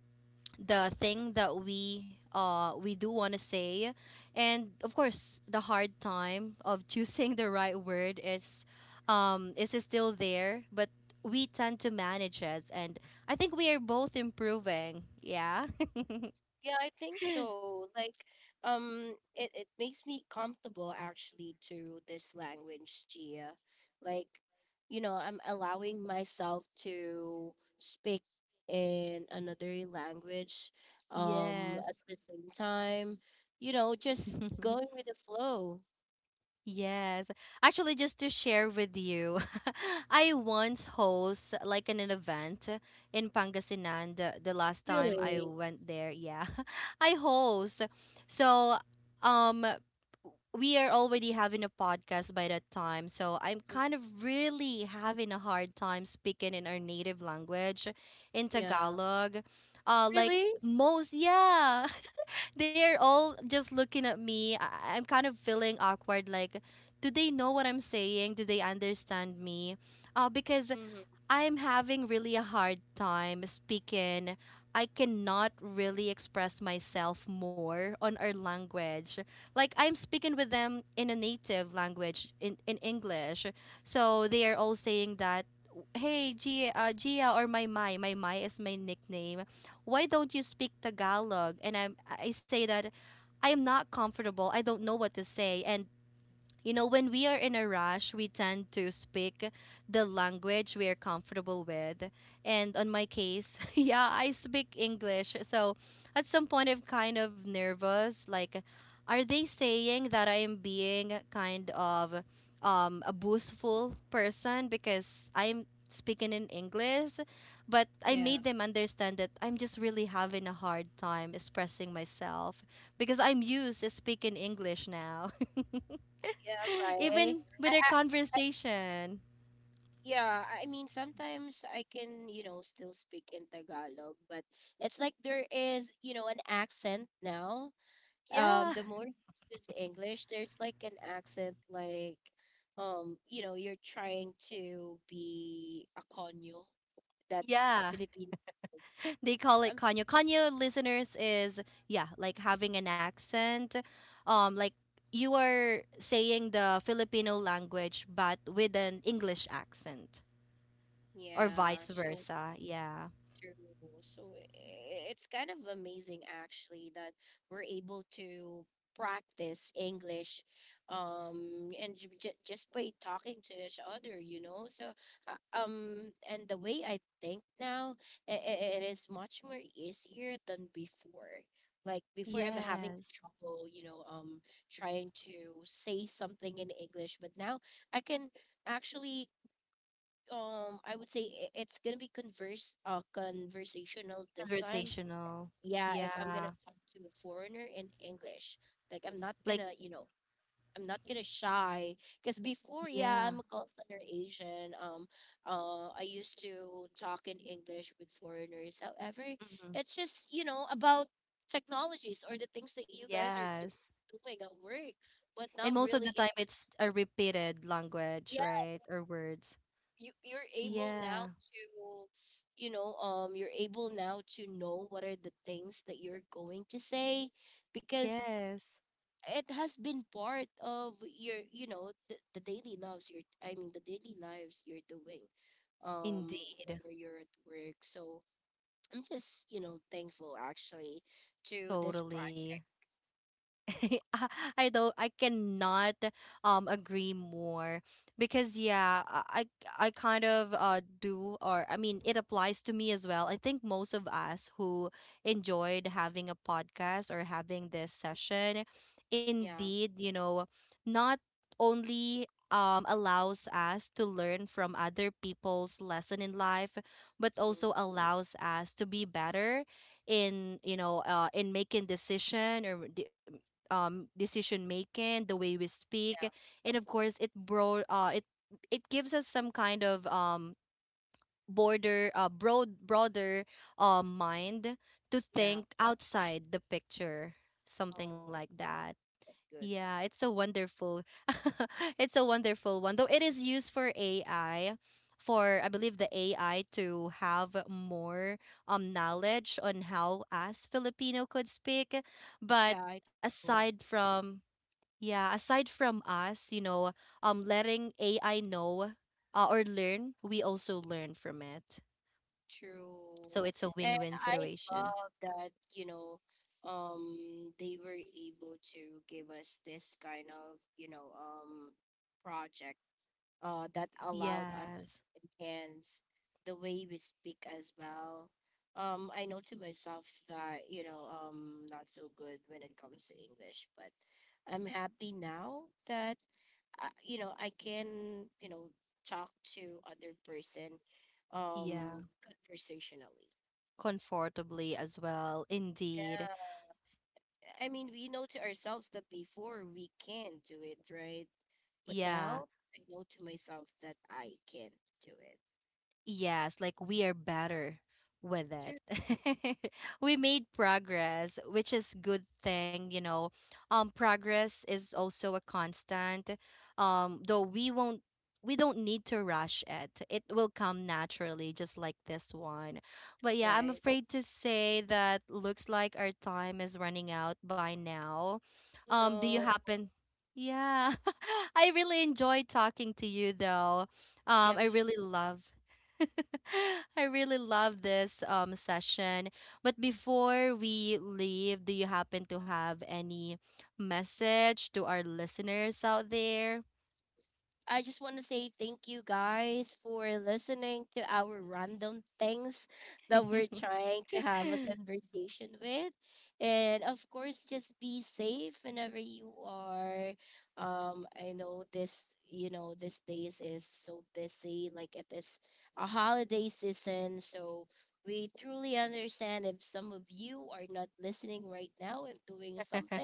Speaker 1: the thing that we do want to say. And of course the hard time of choosing the right word is is still there, but we tend to manage it, and I think we are both improving, yeah.
Speaker 2: Yeah, I think so. It makes me comfortable actually to this language, Gia. Like, you know, I'm allowing myself to speak in another language,
Speaker 1: Yes.
Speaker 2: at the same time, you know, just going with the flow.
Speaker 1: Yes. Actually, just to share with you, I once host like an event in Pangasinan the last time I
Speaker 2: Really?
Speaker 1: went there. Yeah. I host. So, um we are already having a podcast by that time. So, I'm
Speaker 2: Mm.
Speaker 1: kind of really having a hard time speaking in our native language, in
Speaker 2: Yeah.
Speaker 1: Tagalog. Uh,
Speaker 2: Really?
Speaker 1: like most, yeah. They're all just looking at me. I'm kind of feeling awkward. Like, do they know what I'm saying? Do they understand me? Because
Speaker 2: Hmm.
Speaker 1: I'm having really a hard time speaking. I cannot really express myself more on our language. Like I'm speaking with them in a native language, in English. So they are all saying that, hey Gia, Gia or my Mai is my nickname. Why don't you speak Tagalog? And I say that I am not comfortable. I don't know what to say, and you know, when we are in a rush, we tend to speak the language we are comfortable with. And on my case, yeah, I speak English. So at some point, I'm kind of nervous. Like, are they saying that I am being kind of a boastful person because I'm speaking in English? But I
Speaker 2: Yeah.
Speaker 1: made them understand that I'm just really having a hard time expressing myself because I'm used to speaking English now.
Speaker 2: Yeah, right.
Speaker 1: Even
Speaker 2: I,
Speaker 1: with their
Speaker 2: I
Speaker 1: conversation.
Speaker 2: yeah, I mean, sometimes I can, you know, still speak in Tagalog, but it's like there is, you know, an accent now. The
Speaker 1: Yeah.
Speaker 2: more you use English, there's like an accent, like, you know, you're trying to be a konyo, that
Speaker 1: Yeah.
Speaker 2: Filipino.
Speaker 1: They call
Speaker 2: Um,
Speaker 1: it Konyo. Konyo listeners is yeah, like having an accent. Um, like you are saying the Filipino language but with an English accent, or
Speaker 2: yeah,
Speaker 1: vice
Speaker 2: so
Speaker 1: versa. Yeah.
Speaker 2: true. So it's kind of amazing actually that we're able to practice English and j j just by talking to each other, you know. So and the way I think now it is much more easier than before. Like before I'm having
Speaker 1: Yes.
Speaker 2: trouble, you know, trying to say something in English, but now I can actually, I would say it's gonna be converse conversational this time.
Speaker 1: Conversational.
Speaker 2: Yeah, if I'm gonna
Speaker 1: Yeah.
Speaker 2: talk to a foreigner in English, like I'm not
Speaker 1: Like
Speaker 2: gonna, you know, I'm not gonna shy. Because before, yeah, I'm a
Speaker 1: yeah.
Speaker 2: call center agent. I used to talk in English with foreigners. However,
Speaker 1: Hmm.
Speaker 2: it's just, you know, about technologies or the things that you guys are
Speaker 1: Yes.
Speaker 2: doing at work, but not
Speaker 1: And most
Speaker 2: really
Speaker 1: of
Speaker 2: it.
Speaker 1: the time
Speaker 2: Could.
Speaker 1: it's a repeated language, right? Or words.
Speaker 2: You're able now
Speaker 1: Yeah.
Speaker 2: to, you know, you're able now to know what are the things that you're going to say, because
Speaker 1: Yes,
Speaker 2: it has been part of your, you know, the daily lives your, I mean, the daily lives you're doing whenever
Speaker 1: indeed.
Speaker 2: you're at work. So I'm just, you know, thankful actually to this project.
Speaker 1: Totally. I I cannot agree more, because yeah, I kind of do, or I mean, it applies to me as well. I think most of us who enjoyed having a podcast or having this session
Speaker 2: Yeah.
Speaker 1: indeed, you know, not only allows us to learn from other people's lesson in life, but
Speaker 2: Mm,
Speaker 1: also allows us to be better in, you know, in making decision, or decision making, the way we
Speaker 2: yeah.
Speaker 1: speak, and of course it it gives us some kind of border broad broader mind to
Speaker 2: Yeah.
Speaker 1: think outside the picture, something
Speaker 2: Oh,
Speaker 1: like that.
Speaker 2: that's good.
Speaker 1: Yeah, it's a wonderful it's a wonderful one. Though it is used for AI, for I believe the AI to have more knowledge on how us Filipino could speak.
Speaker 2: Yeah,
Speaker 1: But
Speaker 2: I think so.
Speaker 1: aside from yeah, aside from us, you know, letting AI know or learn, we also learn from it.
Speaker 2: True.
Speaker 1: So it's a
Speaker 2: And
Speaker 1: win-win
Speaker 2: I
Speaker 1: situation.
Speaker 2: love that, you know, they were able to give us this kind of, project that allowed us
Speaker 1: Yes.
Speaker 2: to enhance the way we speak as well. I know to myself that, you know, not so good when it comes to English, but I'm happy now that you know, I can, you know, talk to other person
Speaker 1: Yeah.
Speaker 2: conversationally.
Speaker 1: Comfortably as well. Indeed.
Speaker 2: Yeah. I mean, we know to ourselves that before we can do it, right? But now
Speaker 1: Yeah.
Speaker 2: I know to myself that I can do it.
Speaker 1: Yes, like we are better with
Speaker 2: True.
Speaker 1: it. We made progress, which is good thing, you know. Um, progress is also a constant. Um, though we won't we don't need to rush it. It will come naturally, just like this one. But yeah,
Speaker 2: Right.
Speaker 1: I'm afraid to say that looks like our time is running out by now.
Speaker 2: Oh
Speaker 1: Um, do
Speaker 2: no.
Speaker 1: you happen yeah, I really enjoy talking to you though.
Speaker 2: Yeah,
Speaker 1: I
Speaker 2: me.
Speaker 1: really love. I really love this session. But before we leave, do you happen to have any message to our listeners out there?
Speaker 2: I just want to say thank you guys for listening to our random things that we're trying to have a conversation with. And of course, just be safe whenever you are. I know this, you know, this days is so busy, like it is a holiday season. So we truly understand if some of you are not listening right now and doing something,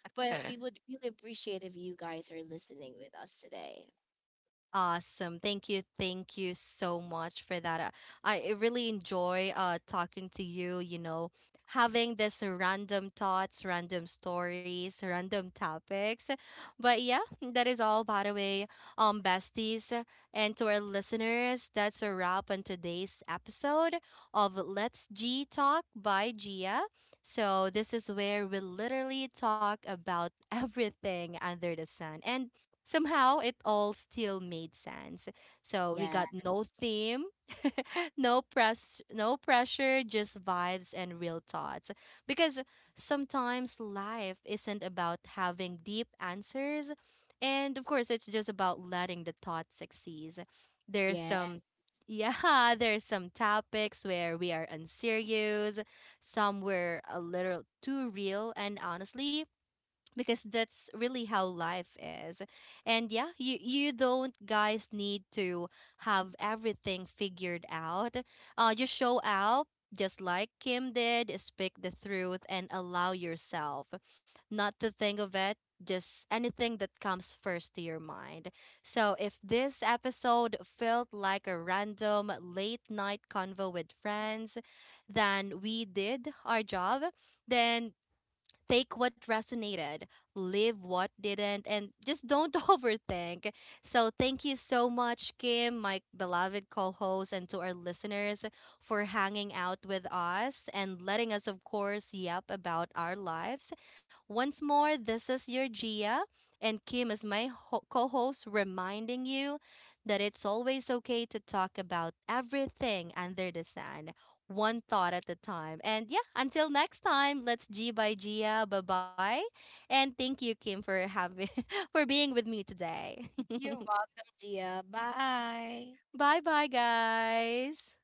Speaker 2: but we would really appreciate if you guys are listening with us today.
Speaker 1: Awesome. Thank you. Thank you so much for that. I really enjoy talking to you, you know, having this random thoughts, random stories, random topics. But yeah, that is all by the way. Um, besties, and to our listeners, that's a wrap on today's episode of Let's G Talk by Gia. So this is where we literally talk about everything under the sun. And somehow it all still made sense. So we
Speaker 2: Yeah,
Speaker 1: got no theme, no pressure, just vibes and real thoughts. Because sometimes life isn't about having deep answers, and of course it's just about letting the thoughts succeed. There's
Speaker 2: yeah.
Speaker 1: some yeah, there's some topics where we are unserious, some were a little too real, and honestly, because that's really how life is. And yeah, you don't guys need to have everything figured out, just show up, just like Kim did, speak the truth and allow yourself not to think of it, just anything that comes first to your mind. So, if this episode felt like a random late night convo with friends, then we did our job. Then take what resonated, leave what didn't, and just don't overthink. So, thank you so much, Kim, my beloved co host, and to our listeners for hanging out with us and letting us, of course, yap about our lives. Once more, this is your Gia, and Kim is my co host, reminding you that it's always okay to talk about everything under the sun, one thought at a time. And yeah, until next time, let's G by Gia. Bye bye. And thank you, Kim, for having for being with me today.
Speaker 2: You're welcome, Gia. Bye.
Speaker 1: Bye bye, guys.